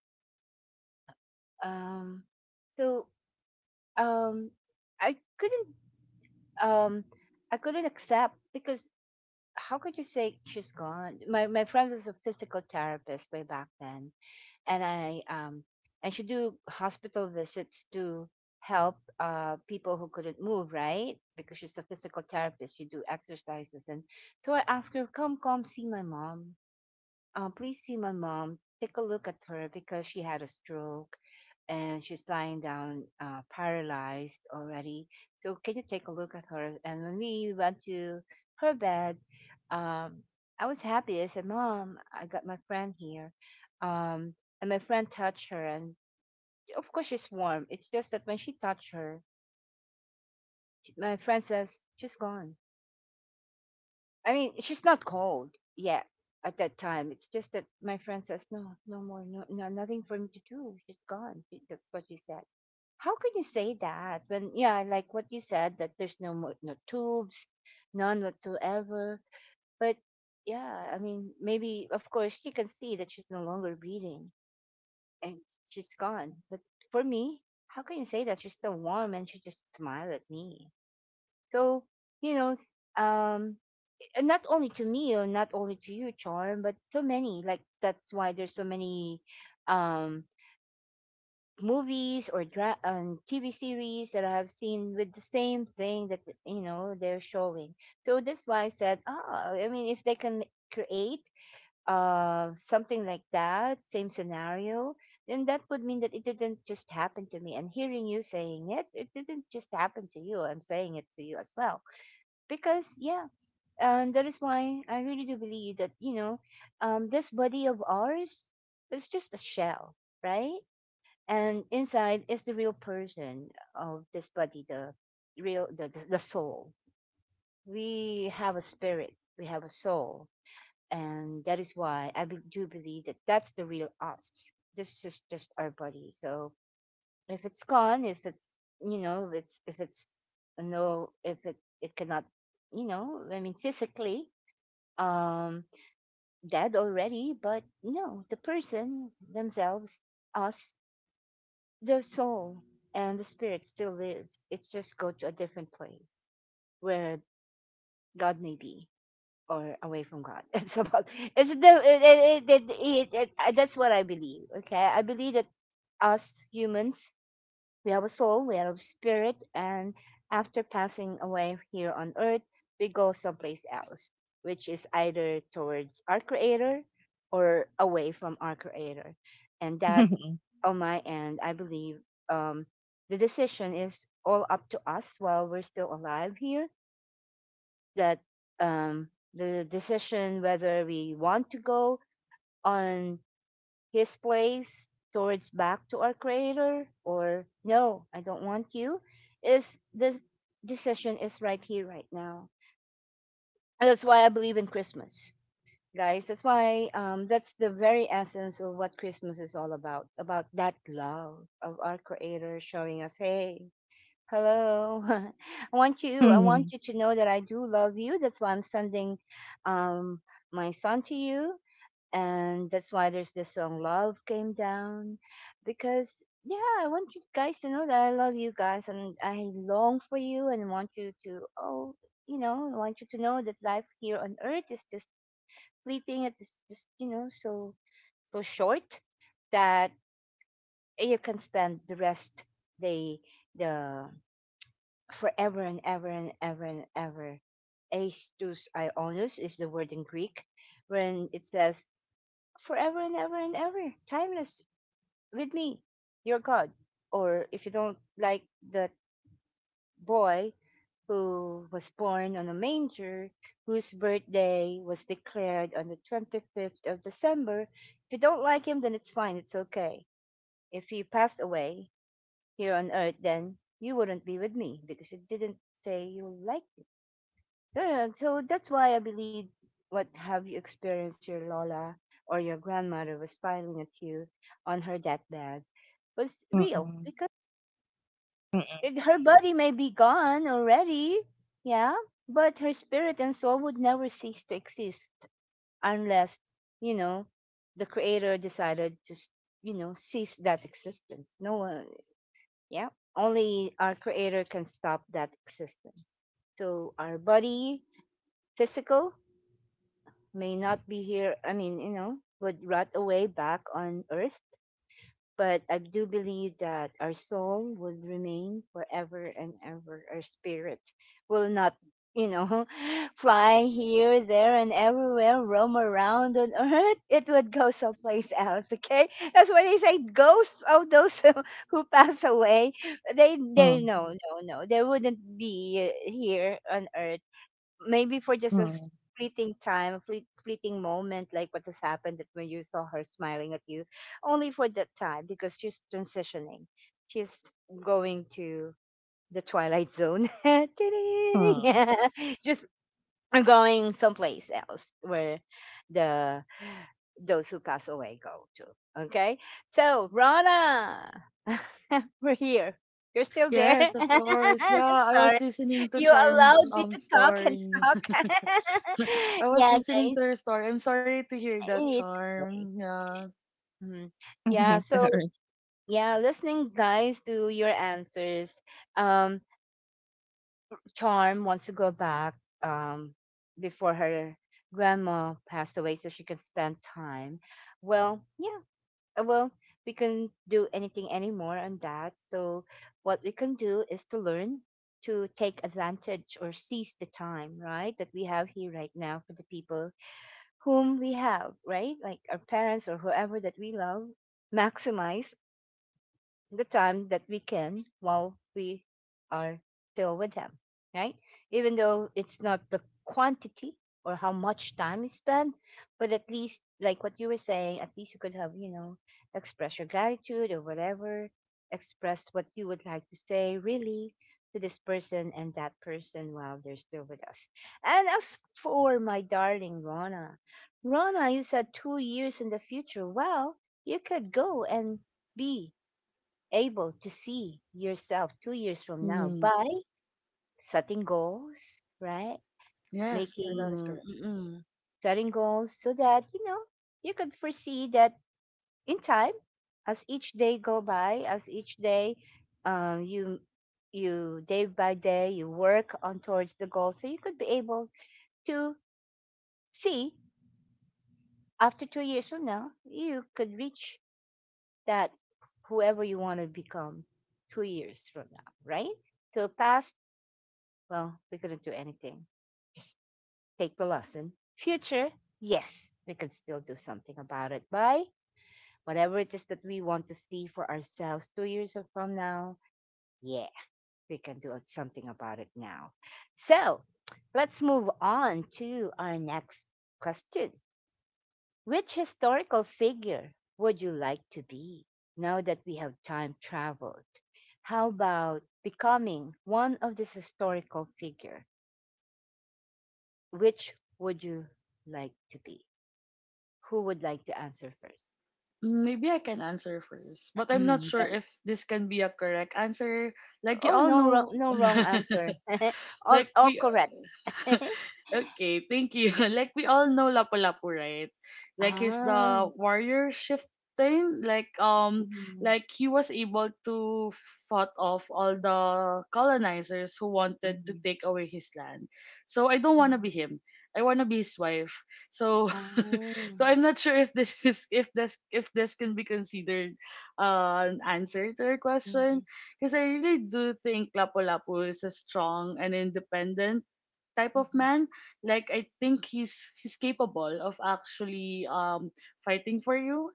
Speaker 1: um so, um I couldn't, um I couldn't accept, because how could you say she's gone? My friend was a physical therapist way back then, and I should do hospital visits to help people who couldn't move, right? Because she's a physical therapist, she do exercises. And so I asked her, come, come see my mom, please see my mom. Take a look at her because she had a stroke, and she's lying down, paralyzed already. So can you take a look at her? And when we went to her bed, um, I was happy. I said, Mom, I got my friend here. Um, and my friend touched her. And of course, she's warm. It's just that when she touched her, my friend says, she's gone. I mean, she's not cold yet at that time. It's just that my friend says, "No, no more, no, no, nothing for me to do. She's gone." That's what she said. How can you say that when, yeah, like what you said, that there's no more, no tubes, none whatsoever. But yeah, I mean, maybe of course she can see that she's no longer breathing and she's gone. But for me, how can you say that she's still warm and she just smiled at me? So, you know, um, and not only to me or not only to you, Charm, but so many. Like, that's why there's so many um movies or TV series that I have seen with the same thing, that, they're showing. So that's why I said, ah, I mean, if they can create something like that same scenario, then that would mean that it didn't just happen to me, and hearing you saying it didn't just happen to you. I'm saying it to you as well, because yeah. And that is why I really do believe that, this body of ours is just a shell, right? And inside is the real person of this body, the real, the soul. We have a spirit, we have a soul. And that is why I do believe that that's the real us. This is just our body. So if it's gone, if it's, you know, if it's, no, if it cannot, I mean, physically, um, dead already. But no, the person, themselves, us, the soul, and the spirit still lives. It's just go to a different place where God may be or away from God. It's about it's the it, it, it, it, it, it, that's what I believe. Okay, I believe that us humans, we have a soul, we have a spirit, and after passing away here on earth, we go someplace else, which is either towards our creator or away from our creator. And that, on my end, I believe, um, the decision is all up to us while we're still alive here. That um, the decision whether we want to go on his place towards back to our creator or no, I don't want you, is the decision is right here right now. And that's why I believe in Christmas, guys. That's why that's the very essence of what Christmas is all about that love of our creator showing us, hey, hello, I want you, i want
Speaker 3: mm-mm,
Speaker 1: you to know that I do love you, that's why I'm sending um, my son to you. And that's why there's this song, Love Came Down, because yeah, I want you guys to know that I love you guys and I long for you and want you to, oh, I want you to know that life here on earth is just fleeting, it is just, so so short, that you can spend the rest, the the forever and ever and ever and ever. Aestus Ionos is the word in Greek, when it says forever and ever, timeless, with me, your God. Or if you don't like that boy who was born on a manger, whose birthday was declared on the 25th of December, if you don't like him, then it's fine, it's okay. If he passed away here on earth, then you wouldn't be with me because you didn't say you liked him. So that's why I believe what have you experienced, your Lola or your grandmother was smiling at you on her deathbed was real.
Speaker 3: mm-mm,
Speaker 1: Because it, her body may be gone already, yeah, but her spirit and soul would never cease to exist unless, you know, the creator decided to, cease that existence. No one, yeah, only our creator can stop that existence. So our body, physical, may not be here, would rot away back on earth, but I do believe that our soul will remain forever and ever. Our spirit will not, you know, fly here, there, and everywhere, roam around on earth. It would go someplace else, okay? That's why they say ghosts of those who pass away.
Speaker 3: mm-mm,
Speaker 1: No. They wouldn't be here on earth maybe for just a
Speaker 3: mm-mm,
Speaker 1: fleeting time, a fleeting moment, like what has happened that when you saw her smiling at you, only for that time because she's transitioning. She's going to the twilight zone.
Speaker 3: mm-mm.
Speaker 1: Just going someplace else where the those who pass away go to. Okay, so Rana, we're here. You're still there.
Speaker 2: Yes, of course. Yeah, I
Speaker 1: Sorry.
Speaker 2: was listening to
Speaker 1: You allowed
Speaker 2: Charm's
Speaker 1: me to talk and
Speaker 2: story.
Speaker 1: talk.
Speaker 2: I was
Speaker 1: Yeah,
Speaker 2: listening
Speaker 1: guys,
Speaker 2: to your story. I'm sorry to hear that,
Speaker 1: it's okay.
Speaker 2: Charm. Yeah.
Speaker 1: Mhm. Yeah, so
Speaker 3: Sorry.
Speaker 1: yeah, listening, guys, to your answers. Um, Charm wants to go back um before her grandma passed away, so she can spend time. Well, yeah, well, we can do anything anymore on that. So what we can do is to learn to take advantage or seize the time, right, that we have here right now for the people whom we have, right? Like our parents or whoever that we love, maximize the time that we can while we are still with him, right? Even though it's not the quantity or how much time is spent, but at least, like what you were saying, at least you could have, you know, express your gratitude or whatever, express what you would like to say really to this person and that person while they're still with us. And as for my darling Rona, Rona, you said 2 years in the future. Well, you could go and be able to see yourself 2 years from now
Speaker 2: Mm,
Speaker 1: by setting goals, right?
Speaker 2: yes, that is
Speaker 1: Making
Speaker 2: correct.
Speaker 1: Mm-mm. setting goals so that you know you could foresee that in time, as each day go by, as each day, um, you you day by day you work on towards the goal, so you could be able to see after 2 years from now you could reach that whoever you want to become 2 years from now, right? So past, well, we couldn't do anything. Just take the lesson. Future, yes, we can still do something about it by whatever it is that we want to see for ourselves 2 years from now. Yeah, we can do something about it now. So let's move on to our next question. Which historical figure would you like to be, now that we have time traveled? How about becoming one of this historical figure? Which would you like to be? Who would like to answer first?
Speaker 2: Mm, maybe I can answer first, but I'm not sure
Speaker 1: Done.
Speaker 2: if this can be a correct answer. Like you
Speaker 1: Oh,
Speaker 2: all
Speaker 1: no wrong,
Speaker 2: know,
Speaker 1: no wrong answer. all,
Speaker 2: like
Speaker 1: all
Speaker 2: we
Speaker 1: correct.
Speaker 2: okay, thank you. Like we all know Lapu-Lapu, right? Like he's
Speaker 1: Ah.
Speaker 2: the warrior shifting.
Speaker 1: Mhm,
Speaker 2: Like he was able to fought off all the colonizers who wanted to
Speaker 1: mhm,
Speaker 2: take away his land. So I don't want to be
Speaker 1: mhm.
Speaker 2: him. I want to be his wife. So,
Speaker 1: Ah.
Speaker 2: so I'm not sure if this is if this can be considered an answer to your question.
Speaker 1: Mhm,
Speaker 2: Because I really do think Lapu-Lapu is a strong and independent type
Speaker 1: mhm,
Speaker 2: of
Speaker 1: mhm,
Speaker 2: man. Like I think he's capable of actually fighting for you.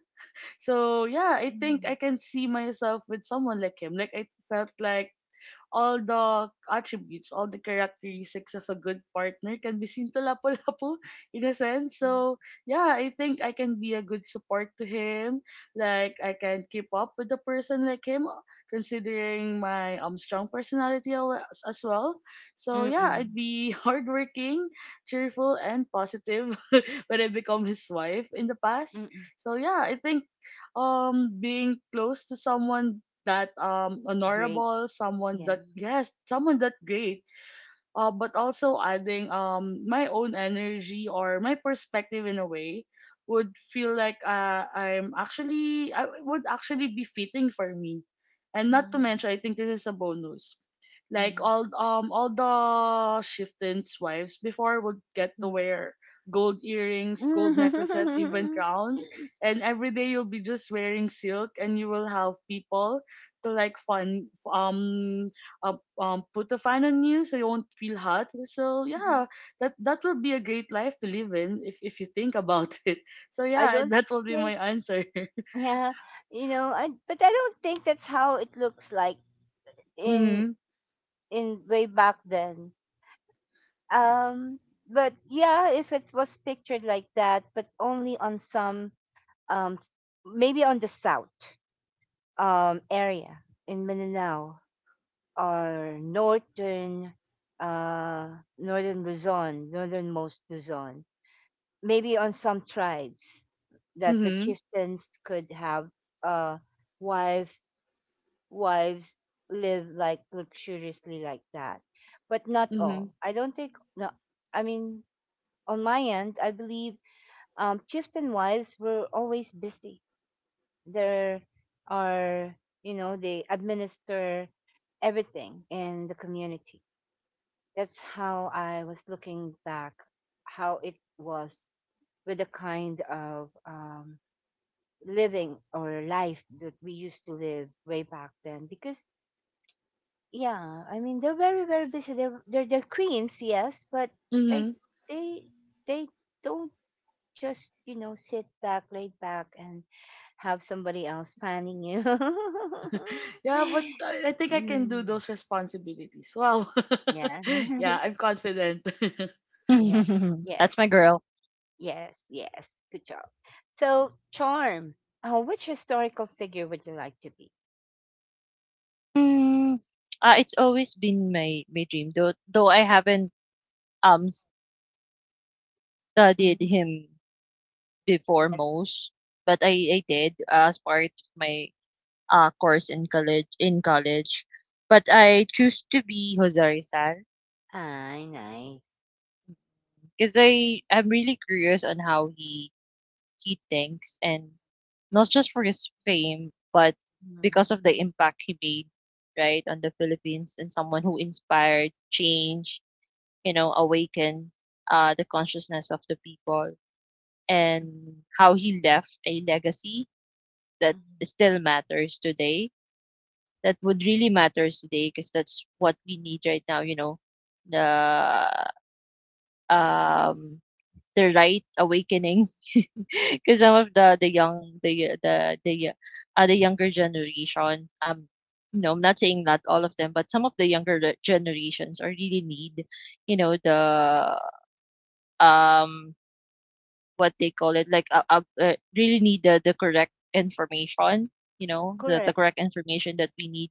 Speaker 2: So yeah, I think
Speaker 1: mhm.
Speaker 2: I can see myself with someone like him. Like I felt like all the attributes, all the characteristics of a good partner can be seen to Lapu-Lapu in a sense. So, yeah, I think I can be a good support to him. Like, I can keep up with a person like him, considering my strong personality as well. So, yeah,
Speaker 1: Mm-mm,
Speaker 2: I'd be hardworking, cheerful, and positive when I become his wife in the past.
Speaker 1: mm-mm.
Speaker 2: So, yeah, I think being close to someone that
Speaker 1: Great.
Speaker 2: honorable, someone that
Speaker 1: Yeah.
Speaker 2: yes, someone that great, but also adding my own energy or my perspective in a way would feel like I would actually be fitting for me, and not to
Speaker 1: Mhm,
Speaker 2: mention I think this is a bonus. Like
Speaker 1: mhm,
Speaker 2: all the chieftains' wives before would get to
Speaker 1: mhm.
Speaker 2: wear gold earrings, gold necklaces, even
Speaker 1: Mhm.
Speaker 2: crowns, and every day you'll be just wearing silk, and you will have people to like fun put a fan on you so you won't feel hot. So yeah, that will be a great life to live in if you think about it. So
Speaker 1: I
Speaker 2: yeah,
Speaker 1: don't
Speaker 2: that will be my
Speaker 1: think,
Speaker 2: answer.
Speaker 1: yeah, you know, I but I don't think that's how it looks like in
Speaker 2: mhm.
Speaker 1: in way back then. Um, but yeah, if it was pictured like that, but only on some, um, s- maybe on the south area in Mindanao or northern, uh, northern Luzon, northernmost Luzon, maybe on some tribes that the
Speaker 2: Mhm.
Speaker 1: chieftains could have a wife wives live like luxuriously like that, but not
Speaker 2: Mhm.
Speaker 1: all, I don't think. No, I mean, on my end I believe chieftain wives were always busy. There are, you know, they administer everything in the community. That's how I was looking back how it was, with the kind of living or life that we used to live way back then, because yeah, I mean they're very very busy, they're queens, yes, but they
Speaker 2: Mhm.
Speaker 1: they they don't just, you know, sit back, laid back, and have somebody else planning you.
Speaker 2: Yeah, but I think I can do
Speaker 1: Mm,
Speaker 2: those responsibilities. Wow.
Speaker 1: yeah.
Speaker 2: yeah, I'm confident.
Speaker 1: Yeah.
Speaker 3: That's
Speaker 1: Yes,
Speaker 3: my girl.
Speaker 1: yes, yes, good job. So Charm, which historical figure would you like to be?
Speaker 3: Mm, ah, it's always been my my dream, though I haven't um studied
Speaker 1: Mhm.
Speaker 3: him before
Speaker 1: Yes.
Speaker 3: most, but I did as part of my course in college. But I choose to be Jose Rizal
Speaker 1: Ah, nice.
Speaker 3: because I'm really curious on how he thinks and not just for his fame, but
Speaker 1: Mhm,
Speaker 3: because of the impact he made, right, on the Philippines and someone who inspired change, you know, awaken the consciousness of the people and how he left a legacy that
Speaker 1: mhm.
Speaker 3: still matters today. That would really matters today because that's what we need right now. You know, the um the right awakening because some of the young the younger generation you know I'm not saying not all of them but some of the younger generations are really need you know the um what they call it, like really need the correct information, you know, the
Speaker 1: Correct.
Speaker 3: correct information that we need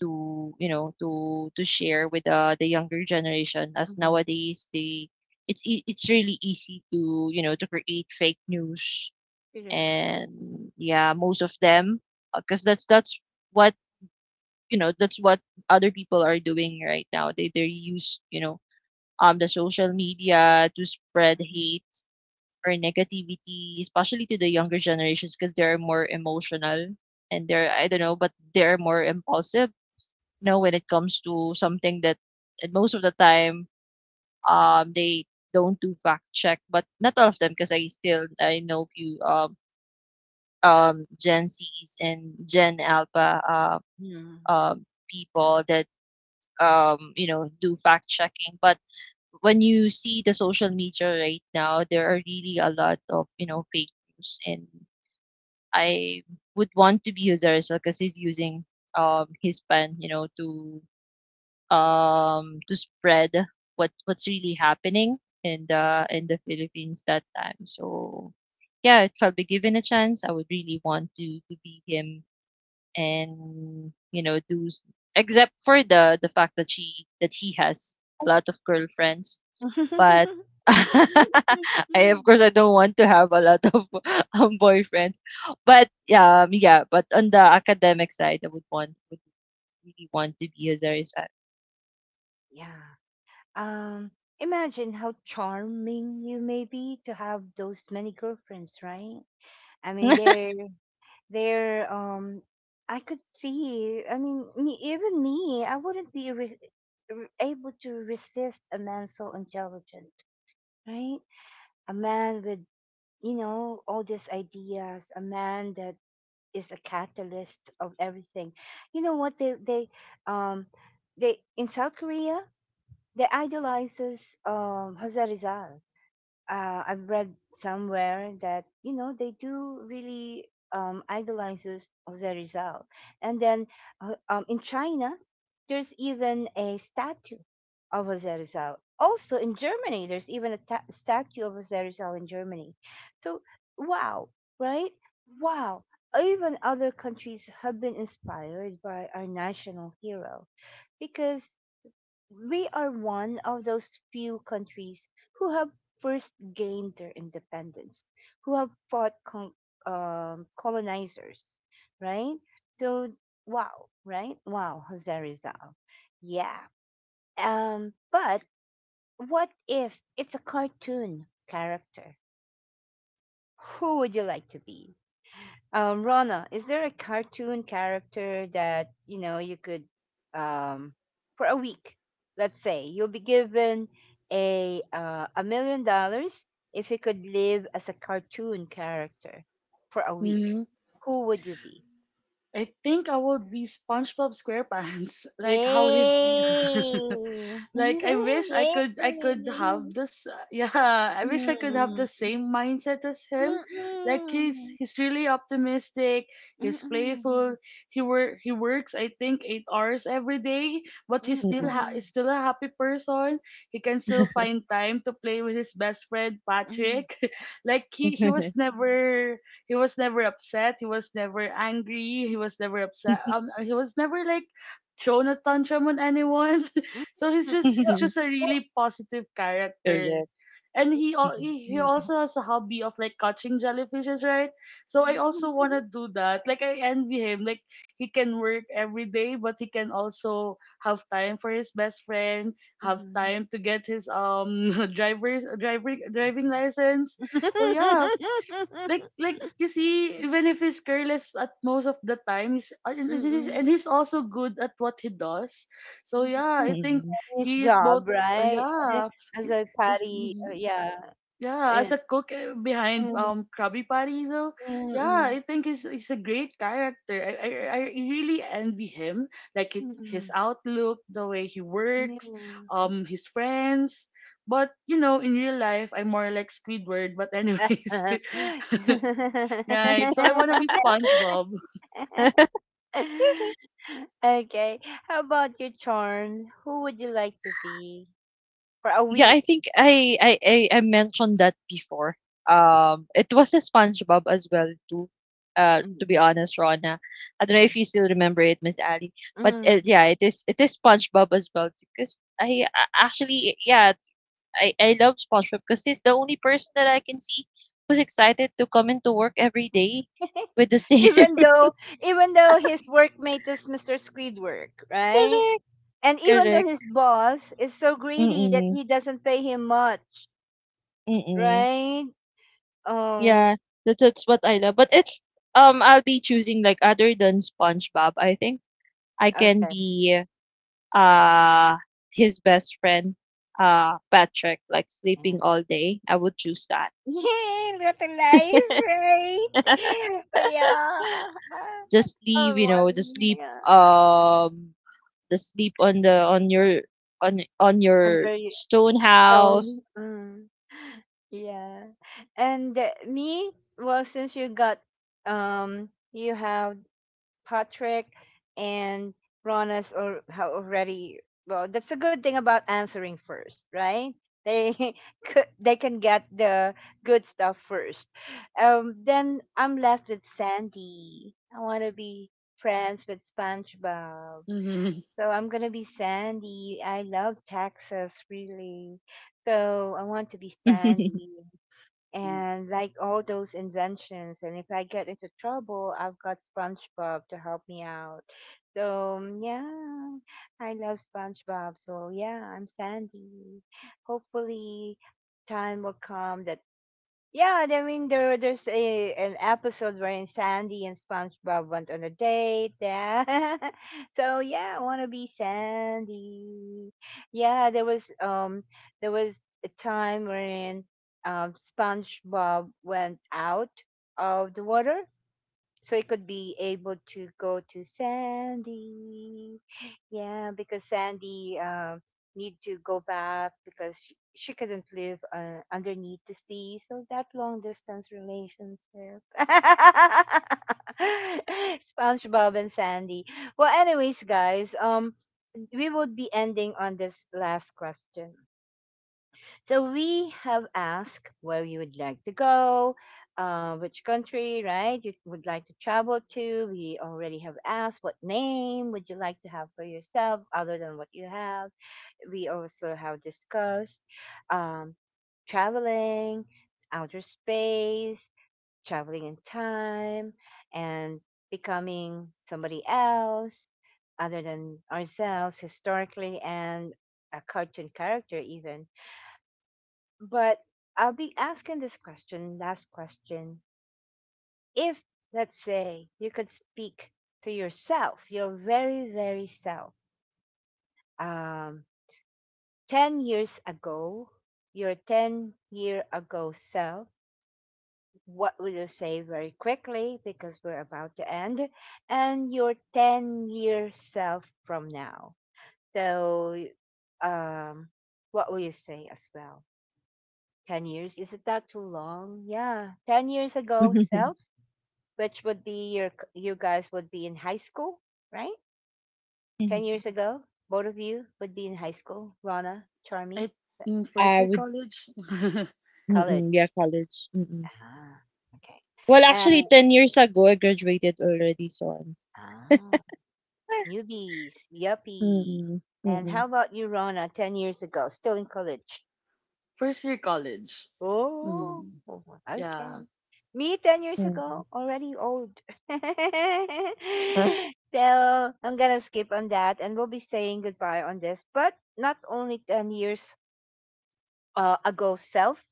Speaker 3: to, you know, to share with the younger generation. As
Speaker 1: Mhm,
Speaker 3: nowadays, they it's really easy to you know to create fake news,
Speaker 1: correct.
Speaker 3: and yeah, most of them, because that's what you know that's what other people are doing right now. They use you know the social media to spread hate or negativity, especially to the younger generations because they're more emotional and they're I don't know, but they're more impulsive, you know, when it comes to something that and most of the time they don't do fact check, but not all of them because I still I know few Gen C's and Gen Alpha
Speaker 1: Mhm.
Speaker 3: people that you know do fact checking, but when you see the social media right now, there are really a lot of you know fake news and I would want to be his because he's using his pen, you know, to spread what's really happening in the Philippines that time. So yeah, if I'll be given a chance, I would really want to be him and you know except for the fact that she that he has a lot of girlfriends but I of course I don't want to have a lot of boyfriends. But yeah, but on the academic side I would want would really want to be a Zarisan.
Speaker 1: Yeah. Um, imagine how charming you may be to have those many girlfriends, right? I mean, they're they're. I could see. I mean, me, even me, I wouldn't be re- able to resist a man so intelligent, right? A man with, you know, all these ideas, a man that is a catalyst of everything. You know what, um they in South Korea, they idolizes Jose Rizal. I've read somewhere that, you know, they do really idolizes Jose Rizal, and then in China there's even a statue of Jose Rizal. Also in Germany, there's even a statue of Jose Rizal in Germany. So wow, right? Wow. Even other countries have been inspired by our national hero because we are one of those few countries who have first gained their independence, who have fought colonizers, right? So, wow, right? Wow, Jose Rizal. Yeah. But what if it's a cartoon character? Who would you like to be? Rona, is there a cartoon character that you know you could, um, for a week, let's say you'll be given $1 million if you could live as a cartoon character for a week?
Speaker 2: mhm.
Speaker 1: Who would you be?
Speaker 2: I think I would be SpongeBob SquarePants, like how he
Speaker 1: Yay!
Speaker 2: like i wish i
Speaker 1: Yay!
Speaker 2: could i could have this. yeah, I wish I could have
Speaker 1: Mm.
Speaker 2: the same mindset as him. Like he's
Speaker 1: Mm-mm.
Speaker 2: he's really optimistic, he's
Speaker 1: Mm-mm.
Speaker 2: playful. He works I think 8 hours every day, but he's still
Speaker 3: Mm-mm.
Speaker 1: Mm-mm.
Speaker 2: he's still a happy person. He can still find time to play with his best friend
Speaker 1: Mm-mm.
Speaker 2: Patrick. like he was never, he was never upset, he was never angry, he was never upset, he was never like thrown a tantrum on anyone.
Speaker 1: Mm-mm.
Speaker 2: So he's just,
Speaker 1: Well,
Speaker 2: he's just a
Speaker 1: well,
Speaker 2: really positive character.
Speaker 3: Correct.
Speaker 2: And
Speaker 3: Mm-mm.
Speaker 2: he
Speaker 1: Mhm.
Speaker 2: also has a hobby of like catching jellyfishes, right? So I also want to do that. Like I envy him. Like he can work every day, but he can also have time for his best friend, have time to get his driver's driver driving license. So yeah,
Speaker 1: Mm.
Speaker 2: like you see even if he's careless at most of the times, and he's also good at what he does, so yeah, I think
Speaker 3: Mm-mm.
Speaker 1: His
Speaker 2: he is both,
Speaker 1: job, right?
Speaker 2: yeah,
Speaker 1: As
Speaker 2: he-
Speaker 1: a
Speaker 2: he's
Speaker 1: party,
Speaker 2: mhm.
Speaker 1: yeah.
Speaker 2: yeah
Speaker 1: Uh,
Speaker 2: as a cook behind
Speaker 1: mm,
Speaker 2: krabby patty. So yeah
Speaker 1: mm,
Speaker 2: I think he's a great character. I really envy him, like it,
Speaker 1: mm,
Speaker 2: his
Speaker 1: mm,
Speaker 2: outlook, the way he works,
Speaker 1: Yeah.
Speaker 2: his friends. But you know in real life I'm more like Squidward, but anyways. Right. So I wanna be SpongeBob.
Speaker 1: Okay. How about you, Charm? Who would you like to be for a
Speaker 3: Yeah,
Speaker 1: week?
Speaker 3: I think I mentioned that before. It was a SpongeBob as well too. To be
Speaker 1: Mm-mm.
Speaker 3: honest, Rona, I don't know if you still remember it, Miss Ali. But
Speaker 1: Mm-mm.
Speaker 3: yeah, it is SpongeBob as well because I a- actually yeah I love SpongeBob because he's the only person that I can see who's excited to come into work every day with the same
Speaker 1: Even though, even though his workmate is Mr. Squidward, right?
Speaker 3: correct
Speaker 1: And even though
Speaker 3: correct
Speaker 1: his boss is so
Speaker 3: mm
Speaker 1: greedy that he
Speaker 3: mm
Speaker 1: doesn't pay him much,
Speaker 3: mm mm.
Speaker 1: right? Um
Speaker 3: Yeah, that's what I love. But if I'll be choosing like other than SpongeBob, I think I can
Speaker 1: okay.
Speaker 3: be uh his best friend, Patrick, like
Speaker 1: Yeah.
Speaker 3: sleeping all day. I would choose that.
Speaker 1: Yay, what a life, right? Yeah.
Speaker 3: Just leave,
Speaker 1: Oh
Speaker 3: you know,
Speaker 1: one
Speaker 3: just sleep
Speaker 1: yeah.
Speaker 3: um the sleep on the on your
Speaker 1: Under
Speaker 3: stone house.
Speaker 1: tone. Mm. Yeah. And me, well since you got you have Patrick, and Ronas or have already, well that's a good thing about answering first, right? They could, they can get the good stuff first. Then I'm left with Sandy. I wanna be friends with SpongeBob.
Speaker 2: Mm-hmm.
Speaker 1: So I'm gonna be Sandy. I love Texas really. So I want to be Sandy and like all those inventions. And if I get into trouble, I've got SpongeBob to help me out. So yeah, I love SpongeBob. So yeah, I'm Sandy. Hopefully, time will come that yeah, I mean there there's a an episode wherein Sandy and SpongeBob went on a date. Yeah. So yeah, I wanna be Sandy. Yeah, there was a time wherein SpongeBob went out of the water so it could be able to go to Sandy. Yeah, because Sandy, need to go back because she couldn't live underneath the sea. So that long distance relationship. SpongeBob and Sandy. Well, anyways, guys, we would be ending on this last question. So we have asked where you would like to go, which country, right, you would like to travel to. We already have asked what name would you like to have for yourself other than what you have. We also have discussed um, traveling, outer space, traveling in time, and becoming somebody else other than ourselves historically, and a cartoon character even, but I'll be asking this question, last question. If, let's say, you could speak to yourself, your very, very self, um, 10 years ago, your 10 year ago self, what would you say, very quickly because we're about to end? And your 10-year self from now. So, um, what will you say as well? 10 years? Is it that too long? Yeah. 10 years ago self? Which would be your, you guys would be in high school, right?
Speaker 3: Mhm.
Speaker 1: 10 years ago, both of you would be in high school. Rana, Charmy,
Speaker 2: I, mm, first
Speaker 3: I
Speaker 2: year
Speaker 3: would,
Speaker 2: college.
Speaker 1: college.
Speaker 3: mm-mm, yeah, college. Mm-mm.
Speaker 1: Ah, okay.
Speaker 3: Well, actually,
Speaker 1: And
Speaker 3: 10 years ago, I graduated already, so
Speaker 1: ah, newbies, yuppie.
Speaker 3: Mm,
Speaker 1: And
Speaker 3: mm,
Speaker 1: how about you, Rana? 10 years ago, still in college.
Speaker 2: first year college.
Speaker 1: Oh,
Speaker 2: Mm. Yeah.
Speaker 1: okay. Me, 10 years
Speaker 3: mm.
Speaker 1: ago, already old.
Speaker 3: Huh?
Speaker 1: So I'm gonna skip on that, and we'll be saying goodbye on this. But not only 10 years ago self,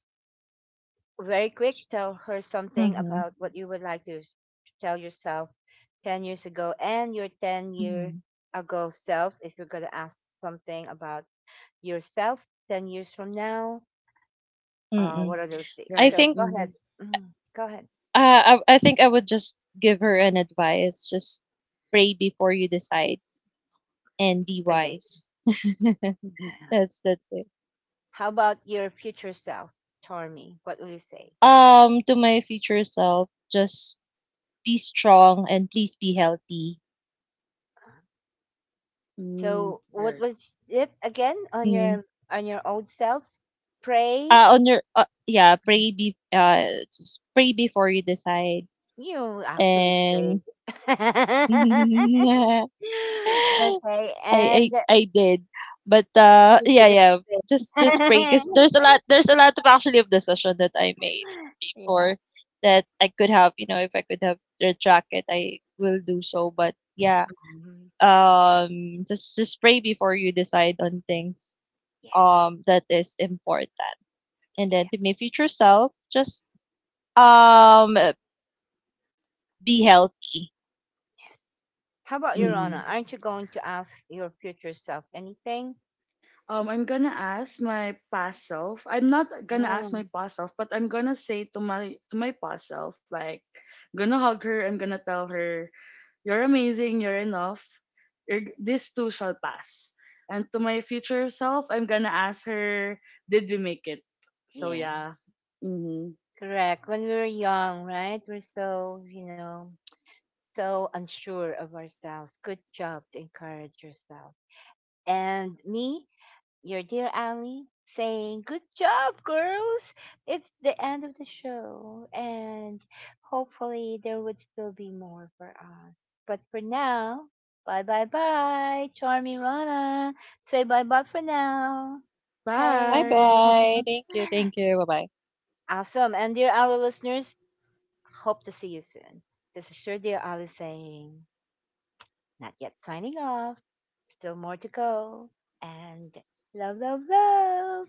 Speaker 1: very quick, tell her something
Speaker 3: Mhm,
Speaker 1: about what you would like to to tell yourself 10 years ago, and your 10 year
Speaker 3: mhm.
Speaker 1: ago self, if you're going to ask something about yourself 10 years from now,
Speaker 2: Okay.
Speaker 3: Mm-mm.
Speaker 1: what are those things,
Speaker 3: I
Speaker 2: Right.
Speaker 1: so
Speaker 3: think
Speaker 1: go
Speaker 2: Mm-hmm.
Speaker 1: ahead. Mhm. Go ahead.
Speaker 3: I think I would just give her an advice. Just pray before you decide and be
Speaker 1: Great.
Speaker 3: wise.
Speaker 2: Mm-hmm.
Speaker 1: Yeah.
Speaker 3: That's it.
Speaker 1: How about your future self, Tormy? What will you say?
Speaker 3: To my future self, just be strong and please be healthy.
Speaker 2: Mm.
Speaker 1: So what
Speaker 2: Right.
Speaker 1: was it again on
Speaker 3: Mm.
Speaker 1: your, on your old self? Pray.
Speaker 3: On your yeah, pray be just pray before you decide
Speaker 1: You actually prayed.
Speaker 3: and
Speaker 1: Okay, and
Speaker 3: I did. But
Speaker 1: you
Speaker 3: yeah,
Speaker 1: did
Speaker 3: yeah. Just pray
Speaker 1: it.
Speaker 3: because there's a lot of actually of decision that I made
Speaker 1: Yeah.
Speaker 3: before that I could have, you know, if I could have retract it, I will do so. But yeah.
Speaker 1: Mhm.
Speaker 3: Just pray before you decide on things
Speaker 1: Yes,
Speaker 3: that is important. And then
Speaker 1: yes,
Speaker 3: to my future self, just um be healthy.
Speaker 1: yes. How about your
Speaker 2: Mm-hmm.
Speaker 1: honor?
Speaker 3: Mm.
Speaker 1: Aren't you going to ask your future self anything?
Speaker 2: I'm gonna ask my past self. I'm not gonna ask my
Speaker 1: No.
Speaker 2: past self, but I'm gonna say to my past self, like, gonna hug her. I'm gonna tell her, you're amazing, you're enough. This too shall pass. And to my future self, I'm gonna ask her, did we make it? So
Speaker 1: Yeah,
Speaker 2: yeah. Hmm.
Speaker 1: correct. When we were young, right? We're so, you know, so unsure of ourselves. Good job to encourage yourself. And me, your dear Ali saying, good job, girls! It's the end of the show, and hopefully, there would still be more for us. But for now, bye bye bye, Charming Rana. Say bye bye for now.
Speaker 3: Bye
Speaker 1: Hey,
Speaker 3: bye.
Speaker 2: Bye.
Speaker 3: Thank you, bye bye.
Speaker 1: awesome. And dear Ali listeners, hope to see you soon. This is your dear Ali saying, not yet signing off, still more to go. And love, love, love.